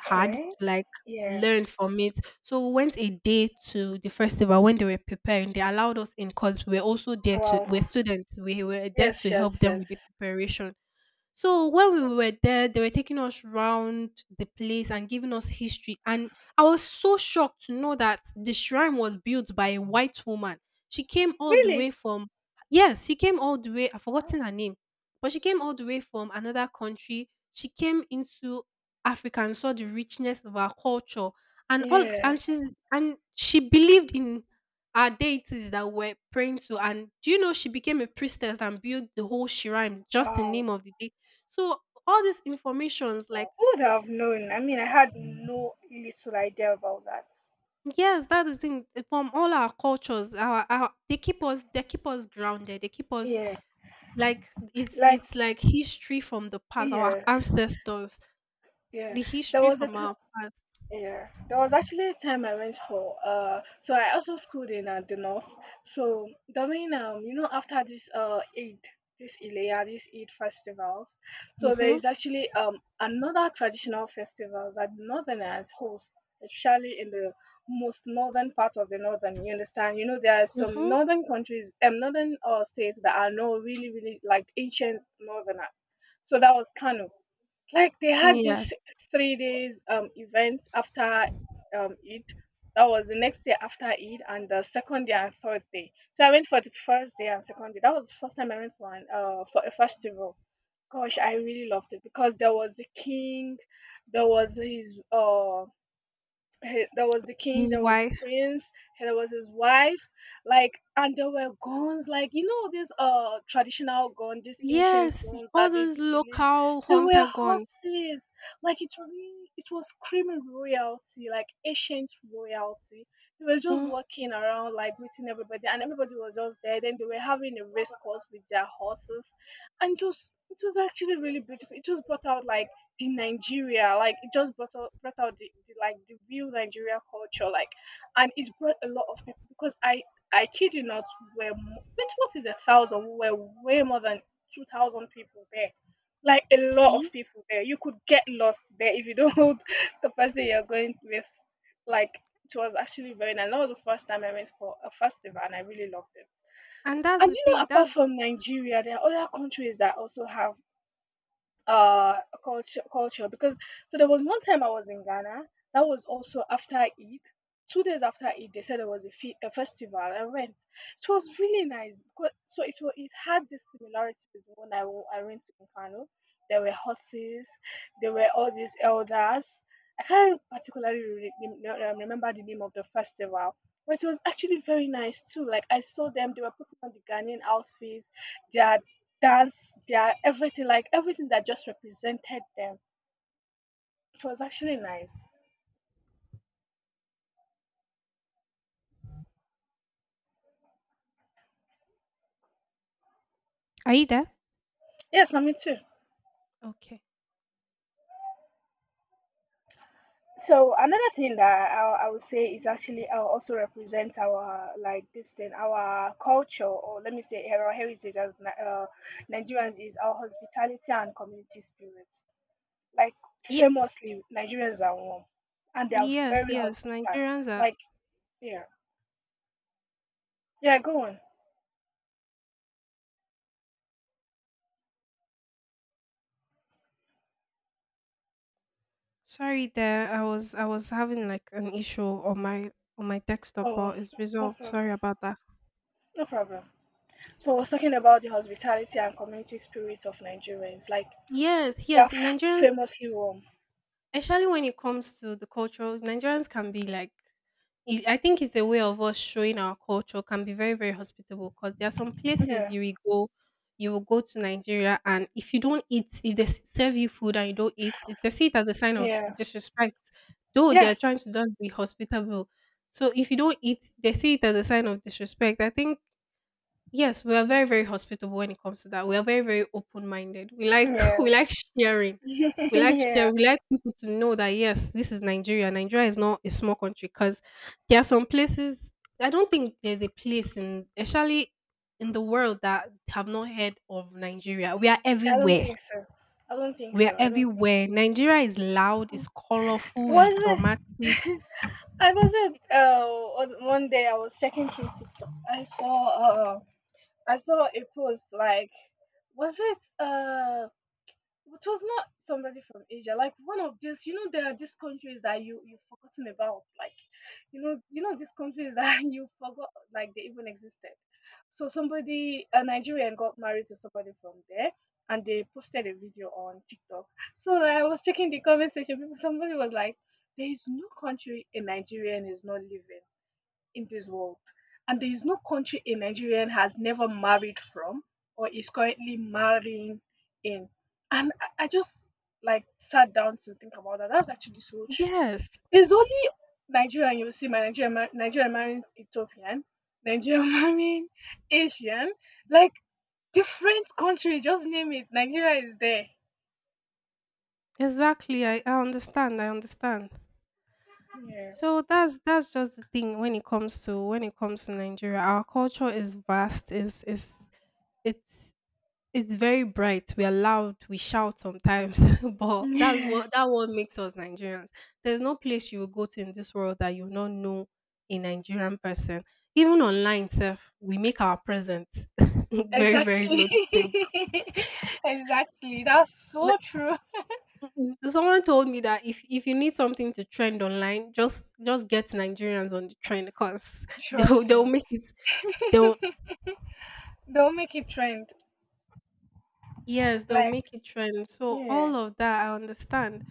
Speaker 1: had to like
Speaker 2: Yeah.
Speaker 1: learn from it. So we went a day to the festival when they were preparing. They allowed us in because we were also there to,
Speaker 2: Wow.
Speaker 1: we're students. We were there
Speaker 2: Yes,
Speaker 1: to
Speaker 2: yes,
Speaker 1: help them
Speaker 2: yes.
Speaker 1: with the preparation. So when we were there, they were taking us round the place and giving us history. And I was so shocked to know that the shrine was built by a white woman. She came all the
Speaker 2: Really?
Speaker 1: way from, yes, she came all the way. I've
Speaker 2: Wow.
Speaker 1: forgotten her name, but she came all the way from another country. She came into Africa and saw the richness of our culture and all,
Speaker 2: Yeah.
Speaker 1: and she believed in our deities that we're praying to, and do you know she became a priestess and built the whole shrine just in
Speaker 2: Wow.
Speaker 1: name of the deity, so all these informations, like
Speaker 2: Wow. Who would have known? I mean, I had no little idea about that.
Speaker 1: yes, that is thing, eh, from all our cultures. Our They keep us, they keep us grounded. They keep us
Speaker 2: Yeah.
Speaker 1: like it's
Speaker 2: Like,
Speaker 1: it's like history from the past. Our
Speaker 2: yes.
Speaker 1: ancestors,
Speaker 2: Yeah.
Speaker 1: the
Speaker 2: There
Speaker 1: history
Speaker 2: was a
Speaker 1: from our past.
Speaker 2: Yeah, there was actually a time I went for so I also schooled in the north. So during after this Eid, this Ilaya, this Eid festivals, so there
Speaker 1: Mhm.
Speaker 2: is actually another traditional festivals that northerners host, especially in the most northern part of the northern. You understand? You know there are some
Speaker 1: Mhm.
Speaker 2: northern countries, northern states that are not really really like ancient northerners. So that was Kano, like they had
Speaker 1: Yes.
Speaker 2: this 3 days event after Eid. That was the next day after Eid and the second day and third day. So I went for the first day and second day. That was the first time I went for for a festival. Gosh, I really loved it because there was the king, there was his uh, there was the king,
Speaker 1: His
Speaker 2: there was the
Speaker 1: wife.
Speaker 2: prince, and there was his wives, like, and there were guns, like you know this traditional gun, these ancient
Speaker 1: Yes.
Speaker 2: guns
Speaker 1: All
Speaker 2: that they
Speaker 1: those
Speaker 2: do release.
Speaker 1: local
Speaker 2: There were
Speaker 1: hunter guns.
Speaker 2: horses, like it was screaming royalty, like ancient royalty. They were just
Speaker 1: Mm.
Speaker 2: walking around, like greeting everybody, and everybody was just there. Then they were having a race course with their horses, and just it was actually really beautiful. It just brought out like the Nigeria, like it just brought out the like the real Nigeria culture, like, and it brought a lot of people because I kid you not, wait, what is 1,000? We were way more than 2,000 people there, like a lot
Speaker 1: See,
Speaker 2: of people there. You could get lost there if you don't <laughs> hold the person you're going with. Like it was actually very nice. That was the first time I went for a festival, and I really loved it.
Speaker 1: and that's
Speaker 2: And
Speaker 1: the
Speaker 2: you know,
Speaker 1: thing.
Speaker 2: apart from Nigeria, there are other countries that also have uh culture because so there was one time I was in Ghana that was also after Eid. 2 days after Eid, they said there was a festival. I went. It was really nice because so it had this similarity with when I went to Nkano. There were horses. There were all these elders. I can't particularly remember the name of the festival, but it was actually very nice too. Like I saw them, they were putting on the Ghanaian outfits. Their dance, their everything, like everything that just represented them. It was actually nice.
Speaker 1: Are you there?
Speaker 2: Yes, I mean too.
Speaker 1: Okay.
Speaker 2: So another thing that I would say is actually also represents our like this thing, our culture, or let me say our heritage as Nigerians is our hospitality and community spirit. Like
Speaker 1: Ye-
Speaker 2: famously, Nigerians are warm and they are
Speaker 1: yes.
Speaker 2: very
Speaker 1: Yes.
Speaker 2: hospitable.
Speaker 1: Nigerians are,
Speaker 2: Like yeah, yeah, go on.
Speaker 1: sorry there, I was having like an issue on my desktop,
Speaker 2: Oh,
Speaker 1: but it's
Speaker 2: no
Speaker 1: resolved. Sorry
Speaker 2: problem,
Speaker 1: about that.
Speaker 2: no problem. So I was talking about the hospitality and community spirit of Nigerians. Like
Speaker 1: Yes,
Speaker 2: they are
Speaker 1: yes, Nigerians,
Speaker 2: famously warm.
Speaker 1: especially when it comes to the culture, Nigerians can be like, I think it's a way of us showing our culture, can be very, very hospitable because there are some places
Speaker 2: Yeah,
Speaker 1: you will go to Nigeria, and if you don't eat, if they serve you food and you don't eat, they see it as a sign of
Speaker 2: yeah,
Speaker 1: disrespect. Though they
Speaker 2: yeah,
Speaker 1: are trying to just be hospitable, so if you don't eat, they see it as a sign of disrespect. I think, yes, we are very, very hospitable when it comes to that. We are very, very open-minded. We like, <laughs> we
Speaker 2: yes,
Speaker 1: like sharing.
Speaker 2: <laughs>
Speaker 1: We like
Speaker 2: yeah.
Speaker 1: share. We like people to know that yes, this is Nigeria. Nigeria is not a small country because there are some places. I don't think there's a place in, especially in the world, that have not heard of Nigeria. We are
Speaker 2: I don't
Speaker 1: everywhere.
Speaker 2: think so. I don't think
Speaker 1: We are
Speaker 2: so. I don't think
Speaker 1: everywhere. Nigeria is loud.
Speaker 2: so.
Speaker 1: It's colorful. It's
Speaker 2: Was it?
Speaker 1: dramatic.
Speaker 2: <laughs> I was
Speaker 1: It,
Speaker 2: at one day I was checking through TikTok. I saw uh I saw a post like was it it was not somebody from Asia. Like one of these, you know, there are these countries that you've forgotten about. Like, you know these countries <laughs> that you forgot like they even existed. So somebody, a Nigerian, got married to somebody from there, and they posted a video on TikTok. So I was checking the comment section. Somebody was like, "There is no country a Nigerian is not living in this world. And there is no country a Nigerian has never married from or is currently marrying in." And I just like sat down to think about that. That's actually so true.
Speaker 1: yes,
Speaker 2: There's only Nigeria you will see my Nigeria marrying Ethiopian, Nigeria <laughs> marrying Asian, like different country, just name it. Nigeria is there.
Speaker 1: exactly. I understand. I understand.
Speaker 2: Yeah.
Speaker 1: So that's just the thing when it comes to when it comes to Nigeria. Our culture is vast. Is it's it's very bright. We are loud. We shout sometimes, <laughs> but that's
Speaker 2: Yeah.
Speaker 1: what, that what makes us Nigerians. There's no place you will go to in this world that you will not know a Nigerian person. Even online self, we make our presence <laughs> very very
Speaker 2: Exactly.
Speaker 1: noticeable.
Speaker 2: <laughs> Exactly. That's so true.
Speaker 1: Someone told me that if you need something to trend online, just get Nigerians on the trend because <laughs> they'll
Speaker 2: Trust
Speaker 1: they'll
Speaker 2: me.
Speaker 1: make it. They'll,
Speaker 2: <laughs> They'll make it trend.
Speaker 1: yes, they'll
Speaker 2: Like,
Speaker 1: make it trend. So
Speaker 2: yeah,
Speaker 1: all of that I understand.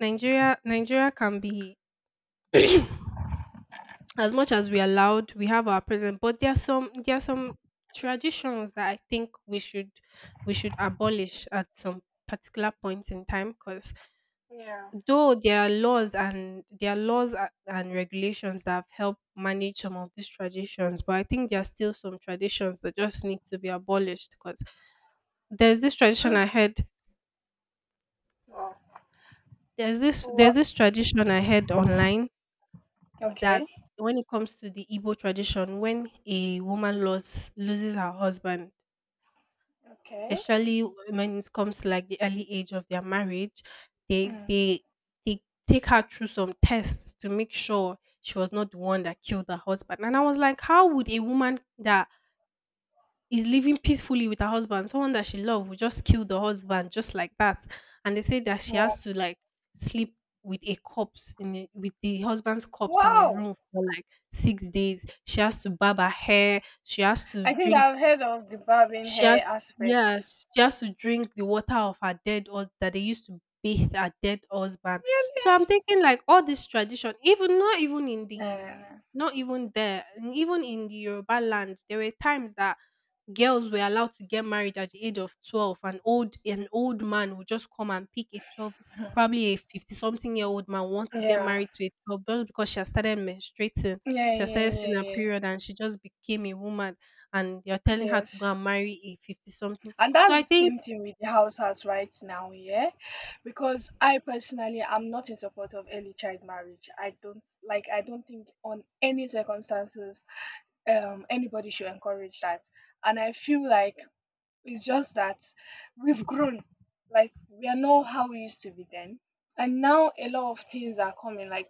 Speaker 1: Nigeria can be <clears throat> as much as we are loud, we have our present, but there are some traditions that I think we should abolish at some particular point in time because
Speaker 2: yeah.
Speaker 1: though there are laws and there are laws a- and regulations that have helped manage some of these traditions, but I think there are still some traditions that just need to be abolished because there's this tradition
Speaker 2: Mm,
Speaker 1: i heard
Speaker 2: wow.
Speaker 1: there's this there's
Speaker 2: Wha-
Speaker 1: this tradition I heard online that
Speaker 2: Okay.
Speaker 1: when it comes to the Igbo tradition, when a woman loses her husband,
Speaker 2: Okay.
Speaker 1: especially when it comes to like the early age of their marriage, they
Speaker 2: Mm.
Speaker 1: they they take her through some tests to make sure she was not the one that killed her husband. And I was like, how would a woman that is living peacefully with her husband, someone that she loved, would just kill the husband just like that? And they say that she
Speaker 2: Wow.
Speaker 1: has to like sleep with a corpse in a, with the husband's corpse in a
Speaker 2: Wow.
Speaker 1: room for like six days. She has to barb her hair. She has to
Speaker 2: I think
Speaker 1: drink.
Speaker 2: I've heard of the barbing
Speaker 1: She
Speaker 2: hair
Speaker 1: has, yeah.
Speaker 2: aspect.
Speaker 1: She has to drink the water of her dead, or that they used to bathe her dead husband. So I'm
Speaker 2: Really?
Speaker 1: thinking, like, all this tradition, even
Speaker 2: Yeah.
Speaker 1: not even there, even in the Yoruba land, there were times that girls were allowed to get married at the age of 12. An old man would just come and pick a 12,
Speaker 2: <laughs>
Speaker 1: probably a 50 something year old man want to get
Speaker 2: Yeah.
Speaker 1: married to a 12 just because she has started menstruating,
Speaker 2: Yeah.
Speaker 1: she has
Speaker 2: Yeah.
Speaker 1: started
Speaker 2: Yeah.
Speaker 1: seeing her
Speaker 2: Yeah.
Speaker 1: period, and she just became a woman, and you're telling her to go
Speaker 2: Yes.
Speaker 1: and marry a 50 something.
Speaker 2: And
Speaker 1: So
Speaker 2: that's
Speaker 1: I
Speaker 2: the
Speaker 1: think,
Speaker 2: same thing with the house right now, yeah? Because I personally am not in support of early child marriage. I don't think on any circumstances anybody should encourage that, and I feel like it's just that we've grown. Like we are not how we used to be then. And now a lot of things are coming. Like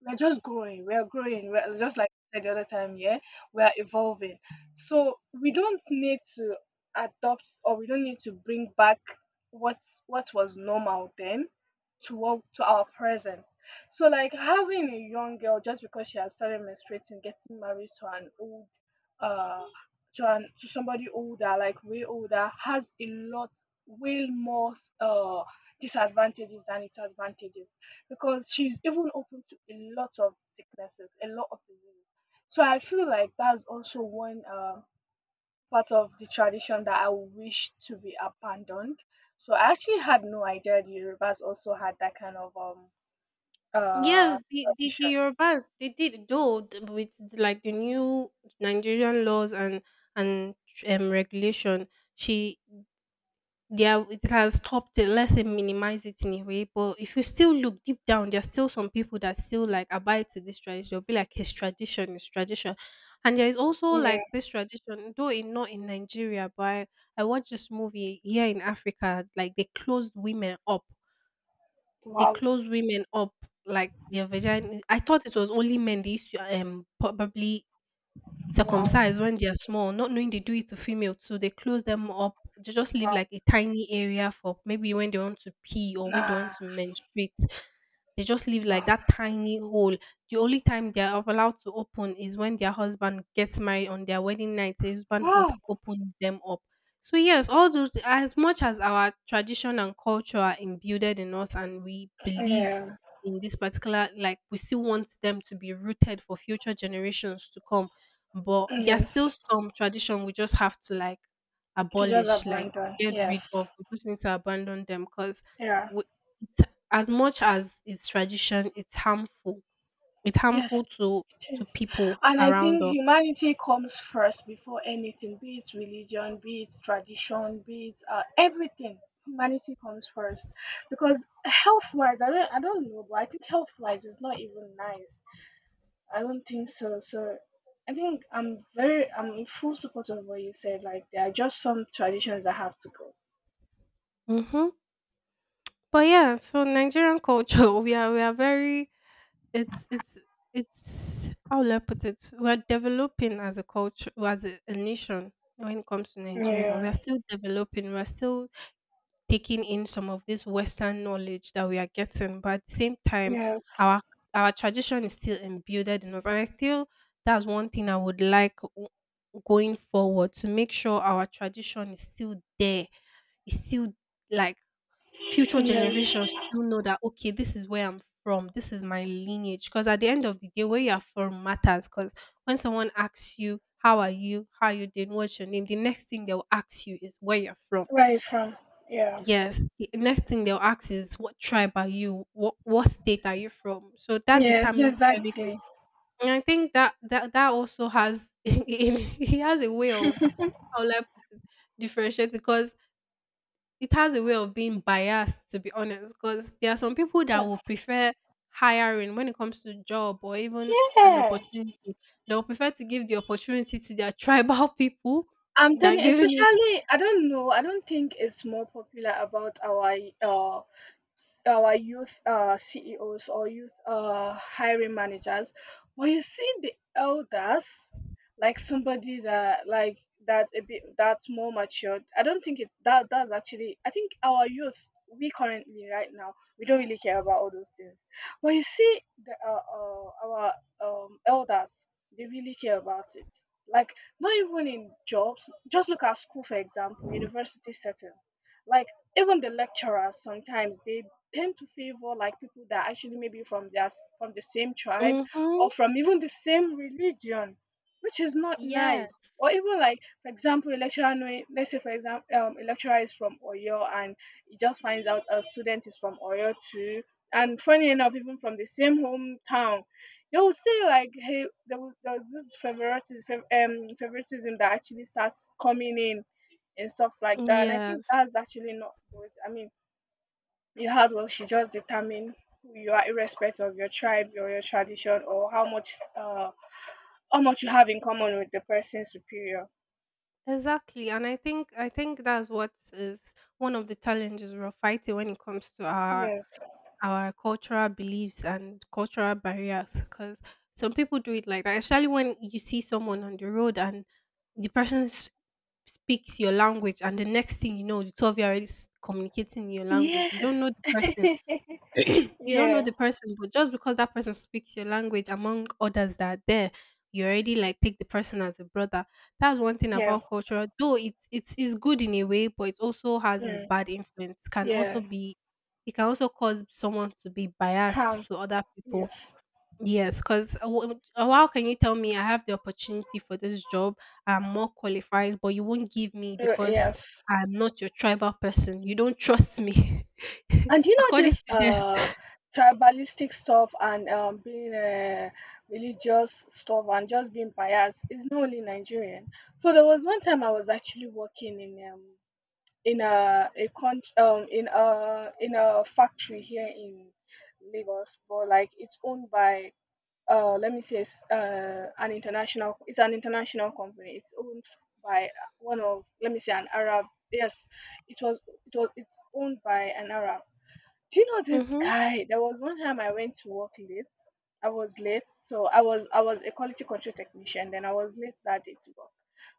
Speaker 2: we're just growing. We're growing. We're just like I said the other time, yeah, we are evolving. So we don't need to adopt or we don't need to bring back what was normal then to our present. So like having a young girl, just because she has started menstruating, getting married to an old uh to an to somebody older, like way older, has a lot way more uh disadvantages than its advantages, because she's even open to a lot of sicknesses, a lot of diseases. So I feel like that's also one part of the tradition that I wish to be abandoned. So I actually had no idea the Yorubas also had that kind of uh
Speaker 1: yes, the
Speaker 2: tradition.
Speaker 1: Yorubas they did, though with like the new Nigerian laws and and regulation, she there, it has stopped it. Let's say minimize it in a way. But if you still look deep down, there's still some people that still like abide to this tradition. They'll be like his tradition, his tradition. And there is also like
Speaker 2: Yeah.
Speaker 1: this tradition, though in not in Nigeria, but I watched this movie here in Africa, like they closed women up. They
Speaker 2: Wow.
Speaker 1: closed women up like their vagina. I thought it was only men. They used to probably
Speaker 2: Wow.
Speaker 1: circumcised when they are small, not knowing they do it to female too. They close them up. They just leave
Speaker 2: Wow.
Speaker 1: like a tiny area for maybe when they want to pee or when they want
Speaker 2: Nah.
Speaker 1: to menstruate. They just leave like
Speaker 2: Wow.
Speaker 1: that tiny hole. The only time they are allowed to open is when their husband gets married, on their wedding night. The husband who's
Speaker 2: Wow.
Speaker 1: opened them up. So yes, all those, as much as our tradition and culture are imbued in us and we believe
Speaker 2: Yeah.
Speaker 1: in this particular, like, we still want them to be rooted for future generations to come, but there's
Speaker 2: Yes.
Speaker 1: still some tradition we just have to like
Speaker 2: Teachers
Speaker 1: abolish, like
Speaker 2: abandon,
Speaker 1: get
Speaker 2: yes.
Speaker 1: rid of. We just need to abandon them because
Speaker 2: Yeah,
Speaker 1: it's, as much as it's tradition, it's harmful. It's
Speaker 2: yes,
Speaker 1: harmful
Speaker 2: it
Speaker 1: to
Speaker 2: is.
Speaker 1: people
Speaker 2: And I
Speaker 1: around
Speaker 2: think
Speaker 1: us.
Speaker 2: humanity comes first before anything, be it religion, be it tradition, be it everything. Humanity comes first, because health wise, I don't know, but I think health wise is not even nice. I don't think so. So I think I'm in full support of what you said. Like there are just some traditions that have to go.
Speaker 1: Mm-hmm. But yeah, so Nigerian culture, <laughs> we are very it's it's, how will I put it? We're developing as a culture, as a nation when it comes to Nigeria. We are
Speaker 2: Yeah.
Speaker 1: still developing. We're still taking in some of this Western knowledge that we are getting, but at the same time,
Speaker 2: Yes,
Speaker 1: our our tradition is still imbued in us, and I feel that's one thing I would like going forward to make sure our tradition is still there. It's still like future generations
Speaker 2: yes.
Speaker 1: still know that, okay, this is where I'm from, this is my lineage. Because at the end of the day, where you are from matters. Because when someone asks you, "How are you? How are you doing? What's your name?" the next thing they will ask you is where you're from.
Speaker 2: Where are you from? Yeah.
Speaker 1: Yes. The next thing they'll ask is, "What tribe are you? What state are you from?" So that
Speaker 2: Yes,
Speaker 1: determines everything,
Speaker 2: exactly.
Speaker 1: and I think that also has <laughs> he has a way of, how will I put it, differentiate, because it has a way of being biased, to be honest. Because there are some people that
Speaker 2: Yes.
Speaker 1: will prefer hiring when it comes to job or even an
Speaker 2: Yeah.
Speaker 1: opportunity. They'll prefer to give the opportunity to their <laughs> tribal people
Speaker 2: I'm
Speaker 1: than
Speaker 2: telling,
Speaker 1: giving it.
Speaker 2: especially I don't know, I don't think it's more popular about uh our youth CEOs or youth hiring managers. When you see the elders, like somebody that like that's a bit that's more matured. I don't think it's that. That's actually, I think our youth, we currently right now we don't really care about all those things. When you see the our elders, they really care about it. Like not even in jobs, just look at school, for example, university setting. Like even the lecturers sometimes, they tend to favor like people that actually maybe from their from the same tribe
Speaker 1: Mm-hmm.
Speaker 2: or from even the same religion, which is not nice.
Speaker 1: Yes.
Speaker 2: Or even like, for example, a lecturer knowing, let's say for example, a lecturer is from Oyo and he just finds out a student is from Oyo too, and funny enough even from the same hometown, they will say like, hey, there was this favoritism that actually starts coming in and stuff like that. And I think
Speaker 1: Yes.
Speaker 2: that's actually not good. I mean, your hard work should just determine who you are, irrespective of your tribe or your tradition or how much you have in common with the person superior.
Speaker 1: Exactly, and I think that's what is one of the challenges we're fighting when it comes to
Speaker 2: Yes.
Speaker 1: our cultural beliefs and cultural barriers. Because some people do it like that, especially when you see someone on the road and the person speaks your language, and the next thing you know, the two of you are already communicating in your language. You don't know
Speaker 2: Yes.
Speaker 1: the
Speaker 2: <laughs>
Speaker 1: person, you don't know
Speaker 2: Yeah.
Speaker 1: the person, but just because that person speaks your language among others that are there, you already like take the person as a brother. That's one thing
Speaker 2: Yeah.
Speaker 1: about culture. Though it it's good in a way, but it also has its
Speaker 2: Mm,
Speaker 1: bad influence. Can also
Speaker 2: yeah.
Speaker 1: be, it can also cause someone to be
Speaker 2: um
Speaker 1: biased to other people.
Speaker 2: yes.
Speaker 1: Yes, because how can you tell me I have the opportunity for this job? I'm more qualified, but you won't give me because
Speaker 2: Yes.
Speaker 1: I'm not your tribal person. You don't trust me,
Speaker 2: And you
Speaker 1: <laughs>
Speaker 2: know
Speaker 1: according
Speaker 2: this
Speaker 1: to them.
Speaker 2: tribalistic stuff, and being religious stuff and just being biased is not only Nigerian. So there was one time I was actually working in a con- in a factory here in Lagos, but like it's owned by let me say it's an international company. It's owned by one of let me say an Arab. Yes, it was it's owned by an Arab. Do you know this
Speaker 1: Mhm.
Speaker 2: guy? There was one time I went to work late. I was late, so I was a quality control technician. Then I was late that day to work.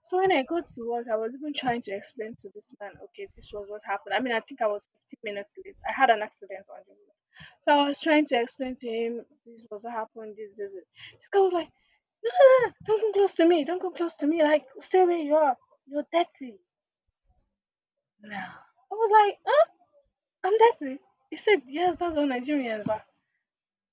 Speaker 2: So when I got to work, I was even trying to explain to this man, okay, this was what happened. I mean, I think I was 15 minutes late. I had an accident on the road. So I was trying to explain to him, this was what happened, this, this, this. This guy was like, no, no, no, no, don't come close to me. Don't come close to me. Like, stay where you are. You're dirty. No. I was like, huh? I'm dirty. He said, yes, that's how Nigerians are.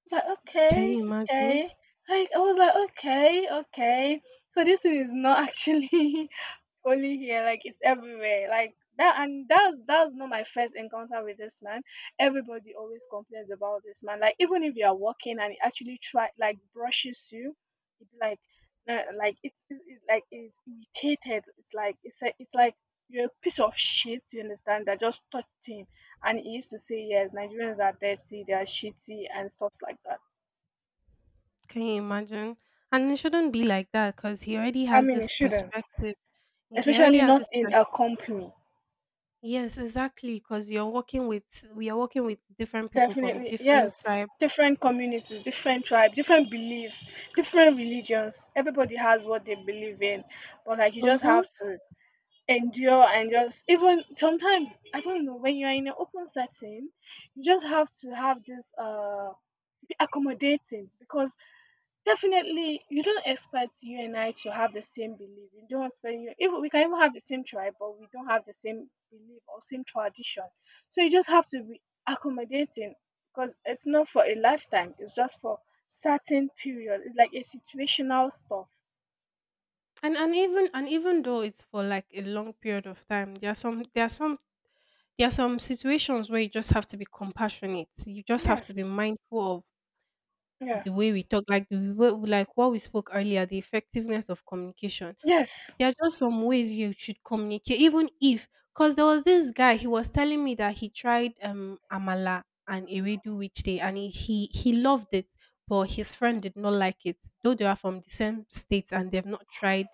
Speaker 2: It's like,
Speaker 1: Can
Speaker 2: okay,
Speaker 1: you imagine?
Speaker 2: okay. Like I was like, okay, okay. So this thing is not actually <laughs> only here, like it's everywhere. Like that and that's not my first encounter with this man. Everybody always complains about this man. Like even if you are walking and he actually try like brushes you, it's like it's like it's irritated. It's like it's a, it's like you're a piece of shit, you understand, that just touched him and he used to say yes nigerians are dirty they are shitty and stuff like that.
Speaker 1: Can you imagine? And it shouldn't be like that, because he already
Speaker 2: I
Speaker 1: has
Speaker 2: mean,
Speaker 1: this
Speaker 2: it shouldn't,
Speaker 1: perspective. He already
Speaker 2: especially
Speaker 1: has
Speaker 2: not
Speaker 1: this
Speaker 2: in a company.
Speaker 1: Yes, exactly. Because you're working with, we are working with different people from
Speaker 2: Definitely,
Speaker 1: different
Speaker 2: yes.
Speaker 1: tribe.
Speaker 2: Different communities, different tribes, different beliefs, different religions. Everybody has what they believe in, but like you just
Speaker 1: Mm-hmm.
Speaker 2: have to endure and just even sometimes I don't know when you are in an open setting, you just have to have this be accommodating because definitely, you don't expect you and I to have the same belief. You don't expect you even we can even have the same tribe, but we don't have the same belief or same tradition. So you just have to be accommodating because it's not for a lifetime. It's just for certain period. It's like a situational stuff.
Speaker 1: And even though it's for like a long period of time, there are some there are some there are some situations where you just have to be compassionate. You just have
Speaker 2: Yes.
Speaker 1: to be mindful of
Speaker 2: Yeah.
Speaker 1: the way we talk, like the way, like what we spoke earlier, the effectiveness of communication.
Speaker 2: Yes.
Speaker 1: There are just some ways you should communicate, even if, because there was this guy, he was telling me that he tried Amala and Ewedu which day, and he, he loved it, but his friend did not like it, though they are from the same state and they've not tried,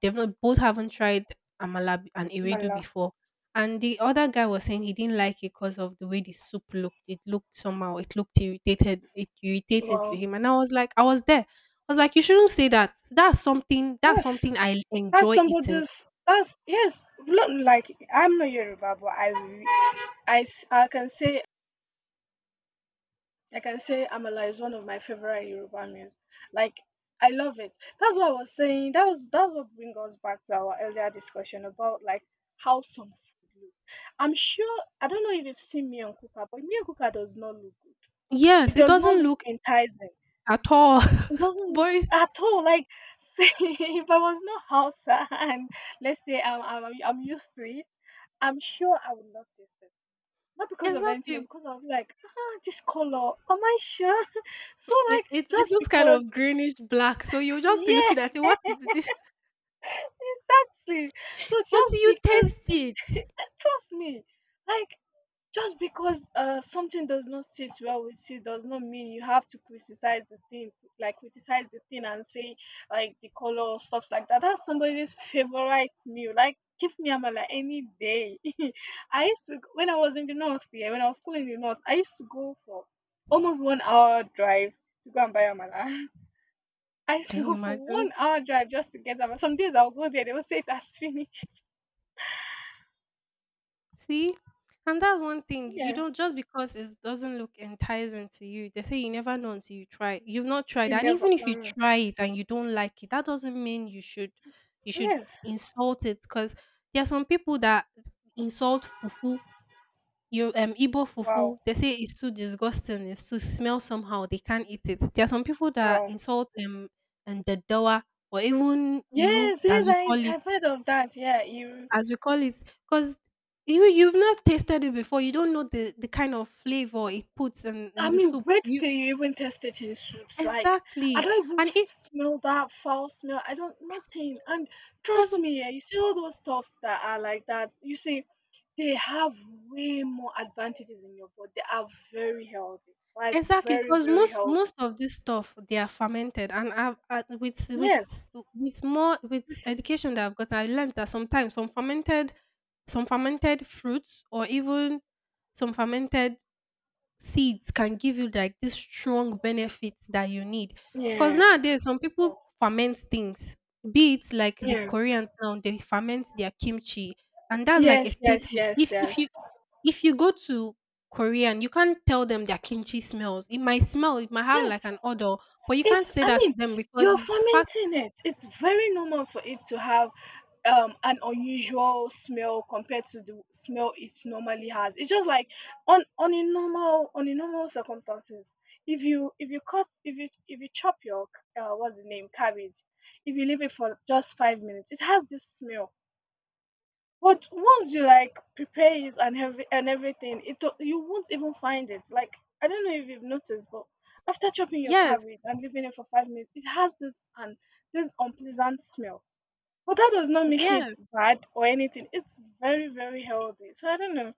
Speaker 1: they've not both haven't tried amala and ewedu
Speaker 2: Mala.
Speaker 1: before. And the other guy was saying he didn't like it because of the way the soup looked. It looked somehow. It looked irritated. It irritating to
Speaker 2: Wow.
Speaker 1: him. And I was like, I was there. I was like, you shouldn't say that. That's something. That's
Speaker 2: Yes.
Speaker 1: something I
Speaker 2: That's
Speaker 1: enjoy eating.
Speaker 2: somebody's. That's yes. Look, like I'm not Yoruba, but I, s- I can say I can say Amala is one of my favorite Yoruba meals. Like I love it. That's what I was saying. That's what brings us back to our earlier discussion about like how some food look. I'm sure I don't know if you've seen Miyan Kuka, but Miyan Kuka does not look good.
Speaker 1: Yes,
Speaker 2: It
Speaker 1: it
Speaker 2: does not
Speaker 1: doesn't
Speaker 2: look
Speaker 1: look
Speaker 2: enticing.
Speaker 1: at all.
Speaker 2: It doesn't
Speaker 1: <laughs>
Speaker 2: look
Speaker 1: But it's,
Speaker 2: at all like <laughs> say if I was not Hausa and let's say I'm used to it, I'm sure I would not taste it. Not because of anything, but
Speaker 1: exactly,
Speaker 2: because I would like, ah, this color. Am I sure? So
Speaker 1: it,
Speaker 2: like
Speaker 1: it it
Speaker 2: just
Speaker 1: looks kind
Speaker 2: because
Speaker 1: of greenish black. So you'll just be
Speaker 2: yeah
Speaker 1: looking at it. What
Speaker 2: <laughs>
Speaker 1: is this?
Speaker 2: exactly. So just
Speaker 1: Until you
Speaker 2: because
Speaker 1: taste it,
Speaker 2: <laughs> trust me, like just because something does not sit well with you does not mean you have to criticize the thing, like criticize the thing and say like the color or stuff like that. That's somebody's <laughs> favorite meal. Like give me amala any day. <laughs> I used to when I was in the north here, when I was schooling in the north, I used to go for almost 1 hour drive to go and buy amala. <laughs> I <laughs> used
Speaker 1: can
Speaker 2: to
Speaker 1: you
Speaker 2: go for
Speaker 1: imagine?
Speaker 2: 1 hour drive just to get them. Some days I'll go there, they will say it has <laughs> finished.
Speaker 1: See? And that's one thing. You
Speaker 2: Yeah,
Speaker 1: don't, just because it doesn't look enticing to you. They say you never know until you try. You've not tried.
Speaker 2: it
Speaker 1: And
Speaker 2: never.
Speaker 1: even if you try it and you don't like it, that doesn't mean you should, you should
Speaker 2: Yes.
Speaker 1: insult it. Because there are some people that insult fufu. You Igbo
Speaker 2: Wow.
Speaker 1: fufu, they say it's too disgusting, it's too smell somehow, they can't eat it. There are some people that
Speaker 2: Wow.
Speaker 1: insult and the dawa, or even iru
Speaker 2: Yes,
Speaker 1: as
Speaker 2: yes,
Speaker 1: we call it,
Speaker 2: I've heard of that. Yeah, you.
Speaker 1: as we call it, because you, you've not tasted it before. You don't know the kind of flavor it puts in
Speaker 2: I
Speaker 1: the
Speaker 2: mean,
Speaker 1: soup.
Speaker 2: wait
Speaker 1: You
Speaker 2: till you even taste it in soups. Like, I
Speaker 1: exactly,
Speaker 2: don't even
Speaker 1: and it
Speaker 2: smell that foul smell. I don't, nothing. And
Speaker 1: because
Speaker 2: trust me, yeah, you see all those stuffs that are like that. You see, they have way more advantages in your body. They are very healthy. Like,
Speaker 1: exactly
Speaker 2: very,
Speaker 1: because
Speaker 2: very
Speaker 1: most
Speaker 2: healthy.
Speaker 1: most of this stuff they are fermented, and I've, I, with
Speaker 2: Yes.
Speaker 1: with more with education that I've got, I learned that sometimes some fermented, some fermented fruits, or even some fermented seeds, can give you like this strong benefit that you need. Because
Speaker 2: Yeah.
Speaker 1: nowadays, some people ferment things, be it like the
Speaker 2: Yeah.
Speaker 1: Koreans now, they ferment their kimchi, and that's like a
Speaker 2: Yes, yes,
Speaker 1: statement.
Speaker 2: yes, yes.
Speaker 1: If you go to Korean, you can't tell them their kimchi smells. It might smell, it might have
Speaker 2: Yes.
Speaker 1: like an odor, but you can't
Speaker 2: It's
Speaker 1: say
Speaker 2: I
Speaker 1: that to
Speaker 2: mean,
Speaker 1: them because
Speaker 2: you're
Speaker 1: it's past.
Speaker 2: fermenting it. It's very normal for it to have an unusual smell compared to the smell it normally has. It's just like on a normal circumstances. If you if you chop your what's the name cabbage, if you leave it for just 5 minutes, it has this smell. But once you like prepare it and have and everything, you won't even find it. Like I don't know if you've noticed, but after chopping your
Speaker 1: Yes,
Speaker 2: cabbage and leaving it for 5 minutes, it has this and this unpleasant smell. But that does not make it
Speaker 1: yeah.
Speaker 2: bad or anything. It's very very healthy. So I don't know.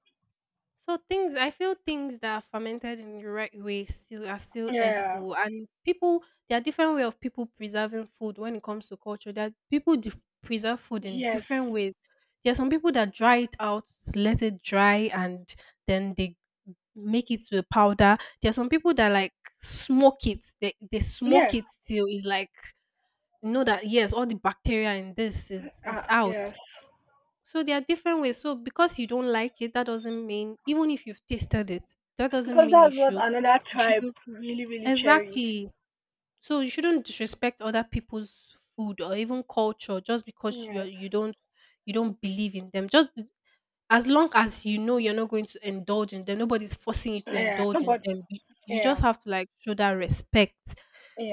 Speaker 1: So things, I feel things that are fermented in the right way still are still
Speaker 2: Yeah.
Speaker 1: edible, and people there are different way of people preserving food when it comes to culture, that people preserve food in different
Speaker 2: Yes.
Speaker 1: ways. There are some people that dry it out, let it dry and then they make it to a powder. There are some people that like smoke it. They smoke
Speaker 2: Yeah.
Speaker 1: it till it's like you know that, yes, all the bacteria in this is out.
Speaker 2: Yes.
Speaker 1: So there are different ways. So because you don't like it, that doesn't mean, even if you've tasted it, that doesn't
Speaker 2: Because
Speaker 1: mean you
Speaker 2: that's what
Speaker 1: should,
Speaker 2: another
Speaker 1: you
Speaker 2: tribe
Speaker 1: shouldn't,
Speaker 2: really really cherish.
Speaker 1: exactly. So you shouldn't disrespect other people's food or even culture just because you are-
Speaker 2: Yes.
Speaker 1: you don't, you don't believe in them. Just as long as you know you're not going to indulge in them, nobody's forcing you to
Speaker 2: Yeah.
Speaker 1: indulge in
Speaker 2: Nobody.
Speaker 1: them. You
Speaker 2: Yeah.
Speaker 1: just have to like show that respect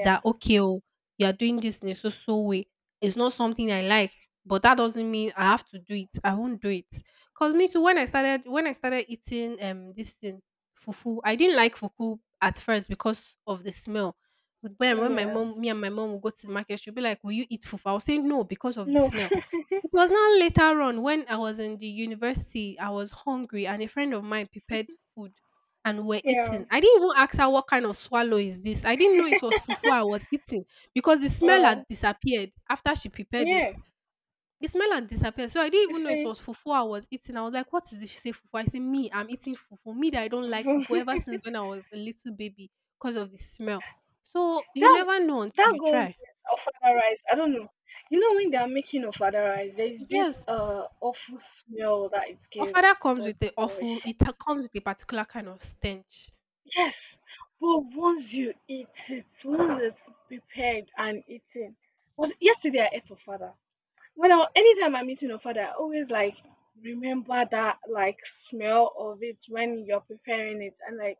Speaker 1: that, okay, oh, you're doing this in a so so way. It's not something I like, but that doesn't mean I have to do it. I won't do it. Cause me too, when I started eating this thing, fufu, I didn't like fufu at first because of the smell. But when my
Speaker 2: Yeah.
Speaker 1: mom, me and my mom would go to the market, she'll be like, "Will you eat fufu?" I was saying no because of the
Speaker 2: No.
Speaker 1: smell. It was now later on when I was in the university, I was hungry and a friend of mine prepared food and we're
Speaker 2: <laughs> yeah.
Speaker 1: eating. I didn't even ask her what kind of swallow is this. I didn't know it was fufu I was eating because the smell had
Speaker 2: Uh,
Speaker 1: disappeared after she prepared it.
Speaker 2: yeah,
Speaker 1: The smell had disappeared. So I didn't
Speaker 2: you
Speaker 1: even know it
Speaker 2: see,
Speaker 1: was fufu I was eating. I was like, what is this? She said fufu. I said, me, I'm eating fufu. Me that I
Speaker 2: <laughs>
Speaker 1: don't like fufu ever
Speaker 2: that
Speaker 1: since when I was a little baby because of the smell. So you never know until
Speaker 2: that
Speaker 1: you
Speaker 2: goes
Speaker 1: try.
Speaker 2: with ofada rice. I don't know. You know when they are making ofada rice, there is this
Speaker 1: Yes.
Speaker 2: awful smell that it
Speaker 1: Ofada
Speaker 2: gives.
Speaker 1: comes
Speaker 2: But
Speaker 1: with a awful
Speaker 2: gosh,
Speaker 1: it ta comes with a particular kind of stench.
Speaker 2: yes. But once you eat it, once it's prepared and eaten. Was yesterday I ate ofada. When I anytime I'm eating ofada, I always like remember that like smell of it when you're preparing it and like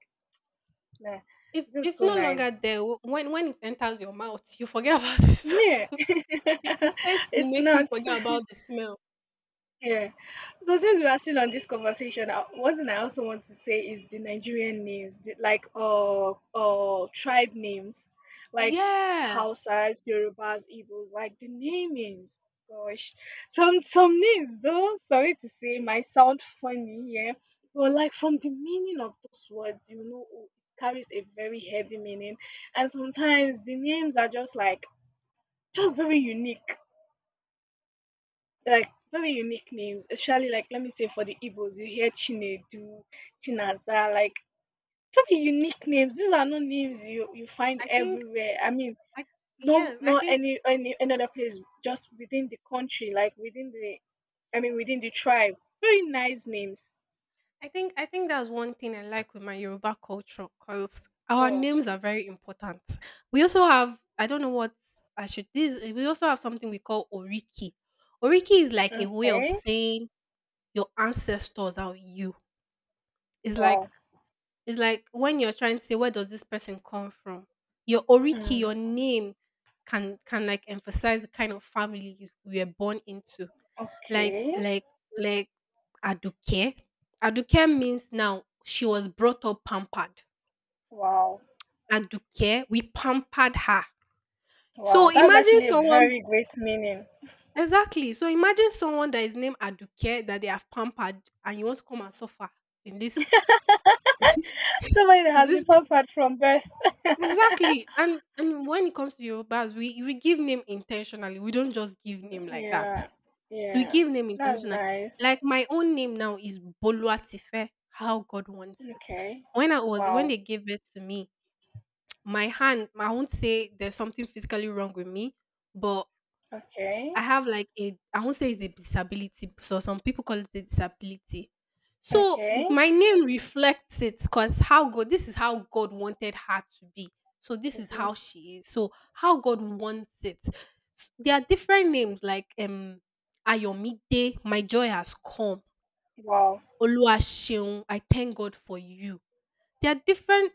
Speaker 2: nah,
Speaker 1: It's
Speaker 2: this is
Speaker 1: it's
Speaker 2: so
Speaker 1: no
Speaker 2: nice.
Speaker 1: longer there. W when it enters your mouth, you forget <laughs> about the
Speaker 2: Yeah.
Speaker 1: smell. <laughs>
Speaker 2: <laughs>
Speaker 1: The taste will
Speaker 2: it's
Speaker 1: make you
Speaker 2: not.
Speaker 1: forget about the smell.
Speaker 2: Yeah. So since we are still on this conversation, one thing I also want to say is the Nigerian names, like tribe names, like
Speaker 1: Yes.
Speaker 2: Hausas, Yorubas, Igbos, like the namings. Gosh, some names though. Sorry to say, might sound funny, yeah, but like from the meaning of those words, you know, oh, it carries a very heavy meaning, and sometimes the names are just like just very unique like very unique names, especially like let me say for the Igbos, you hear Chinedu, Chinaza, like very unique names. These are not names you find
Speaker 1: I think
Speaker 2: everywhere. I mean,
Speaker 1: I
Speaker 2: no,
Speaker 1: yes, I
Speaker 2: not
Speaker 1: think
Speaker 2: any another place, just within the country, like within the, I mean, within the tribe. Very nice names.
Speaker 1: I think that's one thing I like with my Yoruba culture because our
Speaker 2: Yeah.
Speaker 1: names are very important. We also have I don't know what I should this we also have something we call Oriki. Oriki is like a way of
Speaker 2: Okay.
Speaker 1: saying your ancestors are with you. It's like,
Speaker 2: Wow.
Speaker 1: it's like when you're trying to say, where does this person come from? Your oriki,
Speaker 2: Hmm.
Speaker 1: your name can like emphasize the kind of family you were born into. Like
Speaker 2: Okay.
Speaker 1: like like Aduke. Aduke means now she was brought up pampered.
Speaker 2: Wow.
Speaker 1: Aduke, we pampered her. So
Speaker 2: Wow. That's
Speaker 1: imagine
Speaker 2: actually a
Speaker 1: someone,
Speaker 2: very great meaning.
Speaker 1: exactly. So imagine someone that is named Aduke that they have pampered and you want to come and suffer in this
Speaker 2: <laughs> Somebody that
Speaker 1: in
Speaker 2: has
Speaker 1: this
Speaker 2: been pampered from birth.
Speaker 1: Exactly.
Speaker 2: <laughs>
Speaker 1: And when it comes to Yorubas, we give name intentionally. We don't just give name like that.
Speaker 2: Yeah,
Speaker 1: We
Speaker 2: yeah.
Speaker 1: give name
Speaker 2: That's
Speaker 1: intentionally.
Speaker 2: nice.
Speaker 1: Like my own name now is Boluatife, how God wants it.
Speaker 2: Okay.
Speaker 1: When I was when
Speaker 2: Wow.
Speaker 1: they gave birth to me, <tsk> my hand, I won't say there's something physically wrong with me, but
Speaker 2: Okay.
Speaker 1: I have like a I won't say it's a disability, so some people call it a disability. So
Speaker 2: Okay.
Speaker 1: my name reflects it because how God this is how God wanted her to be. So this
Speaker 2: To
Speaker 1: is
Speaker 2: be
Speaker 1: how she is. So how God wants it. There are different names like Ayomide, my joy has come.
Speaker 2: wow.
Speaker 1: Oluwaseun, I thank God for you. There are different,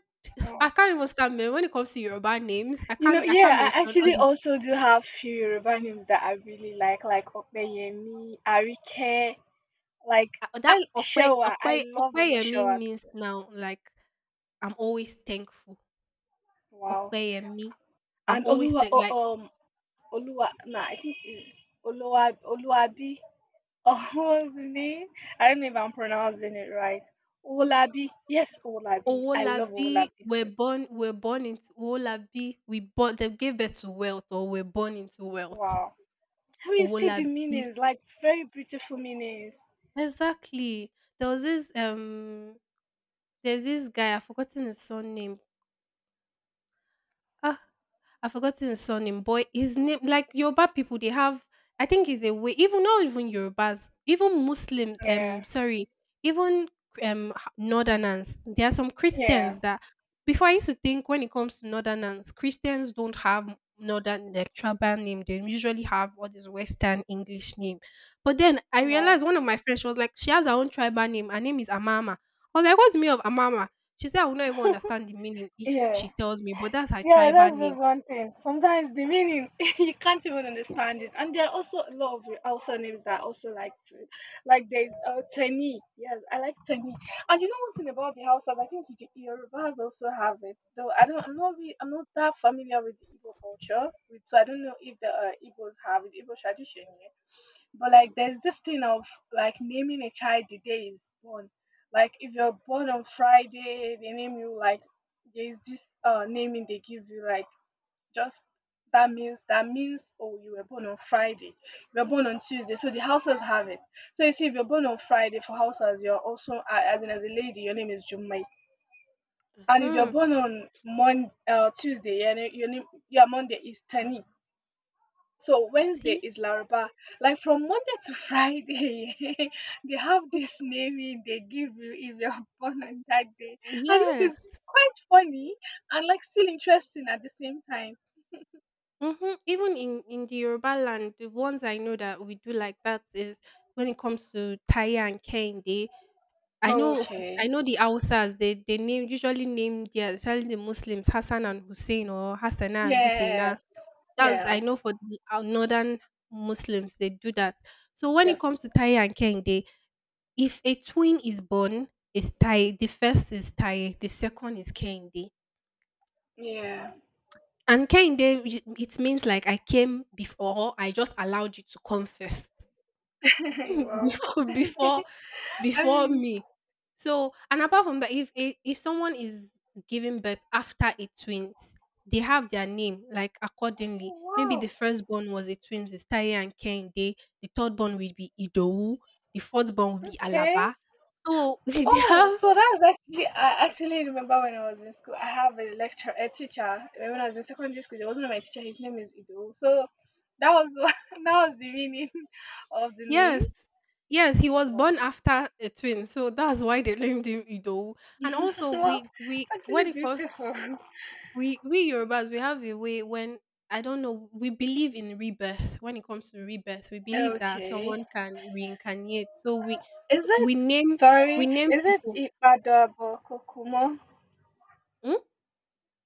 Speaker 1: I
Speaker 2: Oh.
Speaker 1: can't even when it comes to Yoruba names. I
Speaker 2: You know,
Speaker 1: can't I
Speaker 2: yeah,
Speaker 1: can't
Speaker 2: I
Speaker 1: mention
Speaker 2: actually
Speaker 1: all.
Speaker 2: also do have few Yoruba names that I really like Opeyemi, Arike, like
Speaker 1: Ah, that
Speaker 2: I
Speaker 1: "Ọpẹ́
Speaker 2: Shewa.
Speaker 1: Ọpẹ́
Speaker 2: I love
Speaker 1: Ọpẹ́yẹmí"
Speaker 2: Omoshewa
Speaker 1: means
Speaker 2: too.
Speaker 1: now, like, I'm always thankful.
Speaker 2: Wow.
Speaker 1: Ọpẹ́yẹmí. I'm
Speaker 2: And
Speaker 1: always
Speaker 2: Oluwa,
Speaker 1: thank
Speaker 2: oh,
Speaker 1: like,
Speaker 2: Oluwa. Nah, I think Oluwa, Oluwabi. Oğuzhan'ı. I don't know if I'm pronouncing it right. Olabi. Yes, Olabi. I love
Speaker 1: Owolabi,
Speaker 2: Olabi.
Speaker 1: we're
Speaker 2: Too.
Speaker 1: born we're born into Owolabi, we born they gave birth to wealth or we're born into wealth.
Speaker 2: Wow. I mean, see the
Speaker 1: Owolabi.
Speaker 2: meanings, like very beautiful meanings.
Speaker 1: Exactly. There was this, there's this guy, I've forgotten his surname. Ah, I've forgotten his surname, but his name, like Yoruba people, they have. I think it's a way. Even not even Yorubas, even Muslims.
Speaker 2: Yeah.
Speaker 1: Sorry, even Northerners. There are some
Speaker 2: Yeah.
Speaker 1: Christians that before I used to think when it comes to Northerners, Christians don't have northern like tribal name. They usually have all this Western English name. But then I
Speaker 2: Wow.
Speaker 1: realized one of my friends, she was like, she has her own tribal name. Her name is Amama. I was like, what's the meaning of Amama? She said I will not even understand the meaning if
Speaker 2: Yeah.
Speaker 1: she tells me, but that's her
Speaker 2: Yeah,
Speaker 1: tribal
Speaker 2: that's
Speaker 1: name.
Speaker 2: just one thing. Sometimes the meaning <laughs> you can't even
Speaker 1: Mm.
Speaker 2: understand it, and there are also a lot of Hausa names that I also like to, like there's Teni. Yes, I like Teni. And you know one thing about the Hausas, I think the Yorubas also have it. Though I don't, I'm not, re- I'm not that familiar with the Igbo culture, with, so I don't know if the Igbos have it, Igbo tradition. Yeah. But like there's this thing of like naming a child the day he's born. Like if you're born on Friday, they name you like there's this naming they give you like just that means oh you were born on Friday. You were born on Tuesday. So the houses have it. So you see if you're born on Friday for houses, you're also as in as a lady, your name is Jumai. And if you're
Speaker 1: Hmm.
Speaker 2: born on Mon Tuesday, yeah, your name yeah Monday is Tani. So Wednesday
Speaker 1: See?
Speaker 2: is Laraba. Like from Monday to Friday, <laughs> they have
Speaker 1: It's-
Speaker 2: this naming they give you if you're <laughs> born on that day, and which is
Speaker 1: Yes.
Speaker 2: quite funny and like still interesting at the same time.
Speaker 1: Hmm. Even in the Yoruba land, the ones I know that we do like that is when it comes to Taya and Kehinde, I know, I
Speaker 2: Okay.
Speaker 1: know the Hausas, they name their especially the Muslims Hassan and Hussein or Hassana and Husaina.
Speaker 2: Yes.
Speaker 1: That's I
Speaker 2: Yes.
Speaker 1: know for the northern Muslims they do that. So when it comes
Speaker 2: Yes.
Speaker 1: to Taye and Kehinde, if a twin is born, is Taye. The first is Taye, the second is Kehinde.
Speaker 2: Yeah.
Speaker 1: And Kehinde, it means like I came before, or I just allowed you to come first.
Speaker 2: <laughs> wow.
Speaker 1: <laughs> before before
Speaker 2: <laughs> I
Speaker 1: before
Speaker 2: mean,
Speaker 1: me. So and apart from that, if someone is giving birth after a twins, they have their name like accordingly. Maybe the
Speaker 2: wow.
Speaker 1: firstborn was a twins, it's Taye and Kende. The third born will be Idowu. The fourth born will be
Speaker 2: Okay.
Speaker 1: Alaba. So <laughs> they
Speaker 2: Oh,
Speaker 1: have.
Speaker 2: so that's actually I actually remember when I was in school. I have a teacher when I was in secondary school. There wasn't my teacher. His name is Ido. So that was <laughs> that was the meaning of the name.
Speaker 1: Yes. Yes, he was born
Speaker 2: Wow.
Speaker 1: after a twin, so that's why they named him Idowu. And also,
Speaker 2: <laughs> Well,
Speaker 1: we
Speaker 2: actually
Speaker 1: when it comes,
Speaker 2: beautiful. <laughs>
Speaker 1: we Yorubas we have a way when I don't know, we believe in rebirth. When it comes to rebirth, we believe that
Speaker 2: Okay,
Speaker 1: someone can reincarnate, so
Speaker 2: is it?
Speaker 1: we name we
Speaker 2: Sorry,
Speaker 1: name
Speaker 2: is it
Speaker 1: people.
Speaker 2: Ipadabo Kokumo?
Speaker 1: Hmm?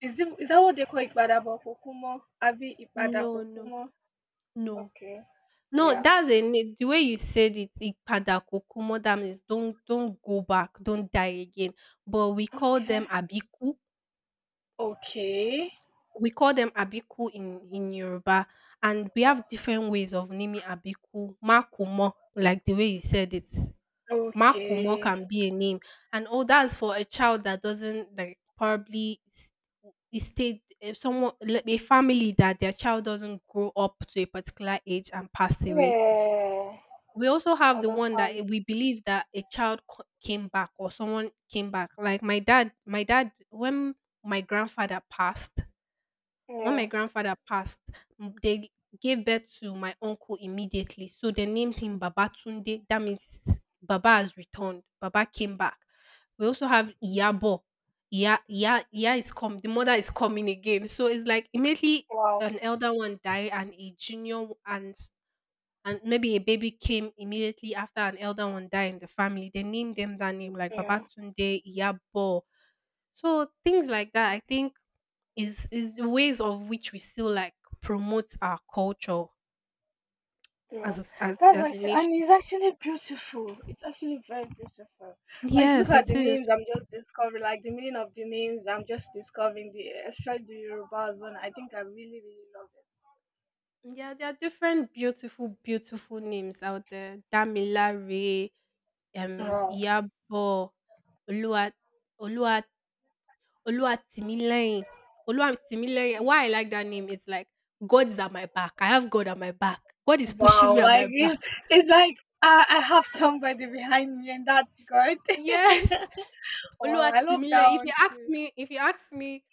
Speaker 2: Is that what they call Ipadabo Kokumo? Abi Ipada
Speaker 1: No, no,
Speaker 2: Kokumo?
Speaker 1: no,
Speaker 2: Okay.
Speaker 1: no,
Speaker 2: Yeah.
Speaker 1: that's a the way you said it, ipada kokomo, that means don't go back, don't die again. But we call
Speaker 2: Okay.
Speaker 1: them abiku.
Speaker 2: Okay.
Speaker 1: We call them abiku in Yoruba, and we have different ways of naming abiku. Makumo, like the way you said it, Makumo
Speaker 2: Okay.
Speaker 1: can be a name, and all that's for a child that doesn't like, probably it stayed, if someone like, a family that their child doesn't grow up to a particular age and pass away.
Speaker 2: Yeah,
Speaker 1: We also have the one that
Speaker 2: understand.
Speaker 1: we believe that a child came back or someone came back. Like my dad when my grandfather passed, when my
Speaker 2: Yeah,
Speaker 1: grandfather passed, they gave birth to my uncle immediately. So they named him Baba Tunde. That means Baba has returned. Baba came back. We also have Iyabo. Iya, Iya, Iya is come. The mother is coming again. So it's like immediately
Speaker 2: wow.
Speaker 1: an elder one died and a junior and maybe a baby came immediately after an elder one died in the family. They named them that name like Baba
Speaker 2: Yeah,
Speaker 1: Tunde, Iyabo. So things like that. I think is the ways of which we still like promote our culture
Speaker 2: yeah.
Speaker 1: as as
Speaker 2: That's
Speaker 1: as a
Speaker 2: actually, and
Speaker 1: nation.
Speaker 2: it's actually beautiful. It's actually very beautiful. Like, look
Speaker 1: Yes,
Speaker 2: at
Speaker 1: it
Speaker 2: the
Speaker 1: is.
Speaker 2: names I'm just discovering, like the meaning of the names I'm just discovering, the especially the Yoruba one. I think I really, really love
Speaker 1: Yeah, there are different beautiful, beautiful names out there. Damilare,
Speaker 2: it. Wow,
Speaker 1: Iyabo, Olua, Olua, Oluwatimileyin. Oluwatimileyin. Why I like that name is like God is at my back. I have God at my back. God is pushing
Speaker 2: wow.
Speaker 1: me at my
Speaker 2: Like,
Speaker 1: back.
Speaker 2: it's like I have somebody behind me, and that's good.
Speaker 1: <laughs> Yes.
Speaker 2: <laughs> Wow, I love
Speaker 1: Oluwatimile.
Speaker 2: that
Speaker 1: If
Speaker 2: one
Speaker 1: you ask
Speaker 2: too.
Speaker 1: me if you ask me,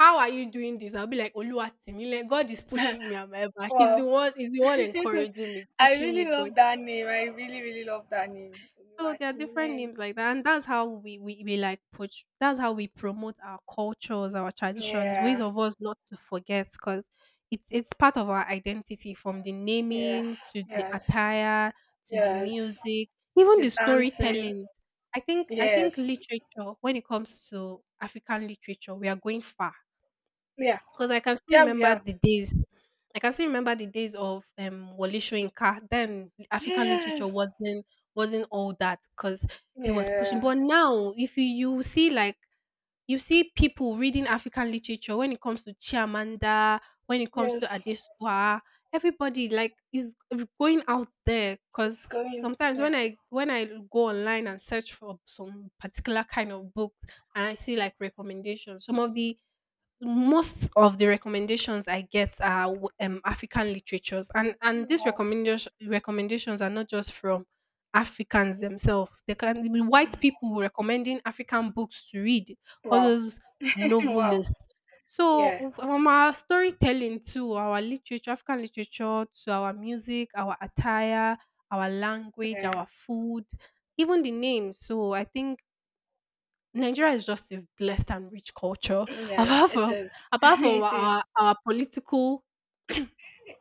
Speaker 1: "How are you doing this?" I'll be like, "Oluwatimile, God is pushing me and my
Speaker 2: <laughs>
Speaker 1: back. He's the
Speaker 2: Wow.
Speaker 1: one he's the one
Speaker 2: <laughs>
Speaker 1: encouraging me,
Speaker 2: I
Speaker 1: pushing
Speaker 2: really
Speaker 1: me going."
Speaker 2: love that name. I really, really love that name.
Speaker 1: So there are different
Speaker 2: Oluwatimileyin.
Speaker 1: names like that, and that's how we like push. That's how we promote our cultures, our traditions, ways
Speaker 2: Yeah.
Speaker 1: of us not to forget, because it's part of our identity from the
Speaker 2: Yes.
Speaker 1: naming to the
Speaker 2: Yes.
Speaker 1: attire to the
Speaker 2: Yes.
Speaker 1: music, even the
Speaker 2: The dancing.
Speaker 1: storytelling. I think
Speaker 2: Yes.
Speaker 1: literature, when it comes to African literature, we are going far
Speaker 2: Yeah.
Speaker 1: because I can still
Speaker 2: Yeah, we
Speaker 1: remember
Speaker 2: are.
Speaker 1: the days. I can still remember the days of Wole Soyinka. Then African literature
Speaker 2: Yes.
Speaker 1: wasn't all that because he was pushing.
Speaker 2: Yeah.
Speaker 1: But now, if you, you see like you see people reading African literature when it comes to Chimamanda, when it comes to
Speaker 2: Yes.
Speaker 1: Adesua, everybody like is going out there
Speaker 2: It's
Speaker 1: because
Speaker 2: going.
Speaker 1: sometimes
Speaker 2: Yeah.
Speaker 1: when I go online and search for some particular kind of books and I see like recommendations, some of the most of the recommendations I get are African literatures, and these
Speaker 2: Wow.
Speaker 1: recommendations are not just from Africans themselves. They can be white people recommending African books to read, all
Speaker 2: Wow.
Speaker 1: those
Speaker 2: <laughs> wow.
Speaker 1: novelists. So
Speaker 2: Yeah.
Speaker 1: from our storytelling to our literature, African literature, to our music, our attire, our language, our
Speaker 2: Yeah.
Speaker 1: food, even the name. So I think Nigeria is just a blessed and rich culture.
Speaker 2: Mm,
Speaker 1: <laughs>
Speaker 2: yes,
Speaker 1: Apart
Speaker 2: it
Speaker 1: from
Speaker 2: is.
Speaker 1: apart
Speaker 2: <laughs>
Speaker 1: from
Speaker 2: It
Speaker 1: our
Speaker 2: is.
Speaker 1: political,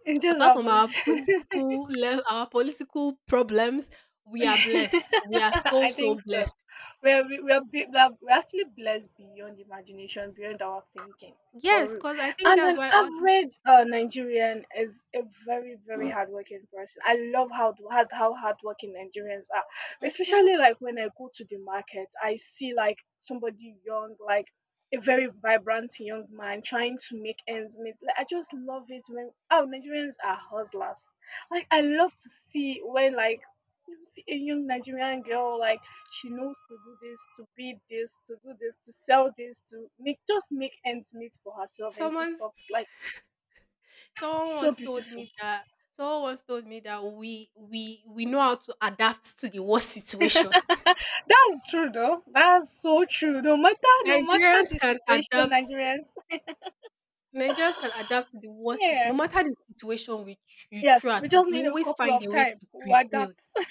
Speaker 2: It is
Speaker 1: apart
Speaker 2: our
Speaker 1: from our
Speaker 2: politics. <laughs>
Speaker 1: political le our political problems,
Speaker 2: <laughs>
Speaker 1: we are blessed. We are so,
Speaker 2: I think
Speaker 1: so
Speaker 2: so.
Speaker 1: blessed.
Speaker 2: We're actually blessed beyond imagination, beyond our thinking, for
Speaker 1: Yes,
Speaker 2: real.
Speaker 1: cause I think
Speaker 2: And
Speaker 1: that's
Speaker 2: an
Speaker 1: why all this.
Speaker 2: average Nigerian is a very, very hardworking person. I love how hardworking Nigerians are,
Speaker 1: Mhm.
Speaker 2: especially like when I go to the market, I see like somebody young, like a very vibrant young man trying to make ends meet. Like, I just love it when oh Nigerians are hustlers. Like I love to see when like you see a young Nigerian girl like she knows to do this, to be this, to do this, to sell this, to make just make ends meet for herself and do stuff
Speaker 1: Someone's
Speaker 2: like
Speaker 1: someone
Speaker 2: so
Speaker 1: once told
Speaker 2: beautiful.
Speaker 1: me that someone once told me that we know how to adapt to the worst situation.
Speaker 2: That's true though. That's so true. No matter
Speaker 1: Nigerians
Speaker 2: the
Speaker 1: can
Speaker 2: situation,
Speaker 1: adapt,
Speaker 2: Nigerians.
Speaker 1: Nigerians can adapt to the worst sit no
Speaker 2: Yeah.
Speaker 1: matter the situation we tr you throw
Speaker 2: Yes,
Speaker 1: at
Speaker 2: we
Speaker 1: us,
Speaker 2: just
Speaker 1: we
Speaker 2: need a
Speaker 1: always
Speaker 2: couple
Speaker 1: find
Speaker 2: of
Speaker 1: a way
Speaker 2: time.
Speaker 1: to
Speaker 2: We
Speaker 1: prevail.
Speaker 2: adapt. <laughs>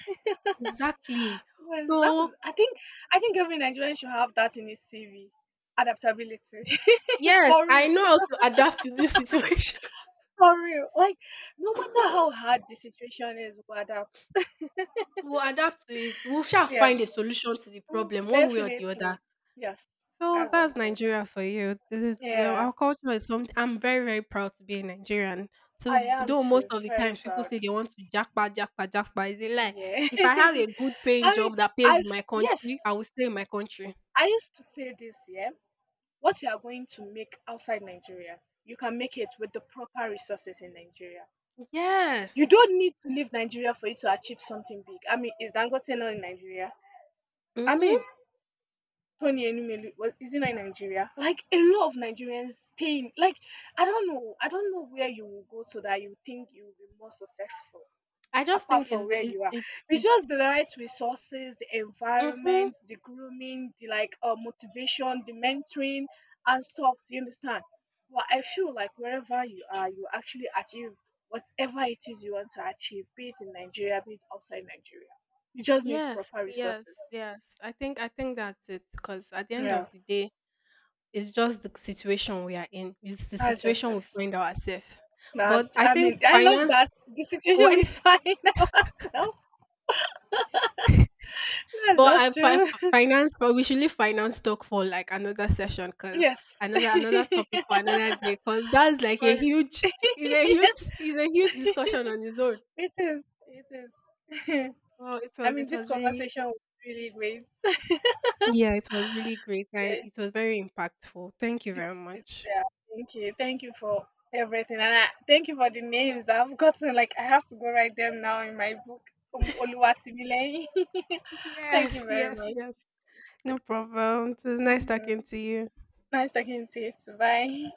Speaker 1: Exactly.
Speaker 2: Well, that's
Speaker 1: So,
Speaker 2: I think every Nigerian should have that in his CV. Adaptability. <laughs>
Speaker 1: yes,
Speaker 2: For
Speaker 1: I
Speaker 2: real.
Speaker 1: know how to adapt to this situation. <laughs>
Speaker 2: For real. Like no matter how hard the situation is, we adapt.
Speaker 1: We'll adapt to it. We shall
Speaker 2: Yes,
Speaker 1: find a solution to the problem one way or the other.
Speaker 2: definitely. Yes,
Speaker 1: So
Speaker 2: that's one
Speaker 1: that's
Speaker 2: thing.
Speaker 1: Nigeria for you. Our
Speaker 2: Yeah,
Speaker 1: culture is something I'm very, very proud to be a Nigerian.
Speaker 2: I
Speaker 1: So
Speaker 2: am
Speaker 1: though most
Speaker 2: too.
Speaker 1: of the
Speaker 2: Very
Speaker 1: times people
Speaker 2: proud.
Speaker 1: say they want to jackpot, jackpot, jackpot, it's a lie.
Speaker 2: Yeah.
Speaker 1: If I have a
Speaker 2: <laughs>
Speaker 1: good paying
Speaker 2: I mean,
Speaker 1: job that pays
Speaker 2: I've,
Speaker 1: in my
Speaker 2: yes,
Speaker 1: country, I will stay in my country.
Speaker 2: I used to say this, yeah. What you are going to make outside Nigeria, you can make it with the proper resources in Nigeria. You
Speaker 1: Yes.
Speaker 2: don't need to leave Nigeria for you to achieve something big. I mean, is Dangote not in Nigeria? I mean,
Speaker 1: Mhm.
Speaker 2: Tony Enumelu was isn't in Nigeria? Like a lot of Nigerians stay in like I don't know. I don't know where you will go to that you think you will be more successful
Speaker 1: I just
Speaker 2: apart
Speaker 1: think it's
Speaker 2: from
Speaker 1: the
Speaker 2: where you are. With
Speaker 1: it's.
Speaker 2: just the right resources, the
Speaker 1: Mhm.
Speaker 2: environment, the grooming, the like motivation, the mentoring and stuff, you understand? But I feel like wherever you are, you actually achieve whatever it is you want to achieve, be it in Nigeria, be it outside Nigeria. You just need
Speaker 1: Yes,
Speaker 2: proper resources.
Speaker 1: yes, yes. I think that's it because at the end
Speaker 2: Yeah.
Speaker 1: of the day, it's just the situation we are in. It's the
Speaker 2: That's
Speaker 1: situation we
Speaker 2: justice.
Speaker 1: find ourselves. But
Speaker 2: That's,
Speaker 1: I
Speaker 2: I
Speaker 1: think
Speaker 2: mean, I love
Speaker 1: finance.
Speaker 2: that. The
Speaker 1: Well,
Speaker 2: situation we
Speaker 1: <laughs>
Speaker 2: find <laughs> ourselves. That's
Speaker 1: but I
Speaker 2: just
Speaker 1: fi-
Speaker 2: true. <laughs>
Speaker 1: finance. But we should leave finance talk for like another session because
Speaker 2: Yes. <laughs> For
Speaker 1: another
Speaker 2: <laughs>
Speaker 1: topic for another day because that's like a huge
Speaker 2: it
Speaker 1: is a huge discussion on its own.
Speaker 2: is. It is.
Speaker 1: Oh,
Speaker 2: <laughs> I mean,
Speaker 1: it
Speaker 2: this
Speaker 1: was really.
Speaker 2: conversation was really great. <laughs> yes.
Speaker 1: Yeah, it was really great. It was very impactful. Thank you very
Speaker 2: It's,
Speaker 1: much.
Speaker 2: yeah.
Speaker 1: <laughs>
Speaker 2: Thank you. Thank you for everything. And I, thank you for the names I've gotten. Like, I have to go write them now in my book. Oluwatimileyin. <laughs> thank
Speaker 1: Yes,
Speaker 2: you very
Speaker 1: yes,
Speaker 2: much.
Speaker 1: yes. No problem. It was nice
Speaker 2: Yeah.
Speaker 1: talking to you.
Speaker 2: Nice talking to you. Too. Bye.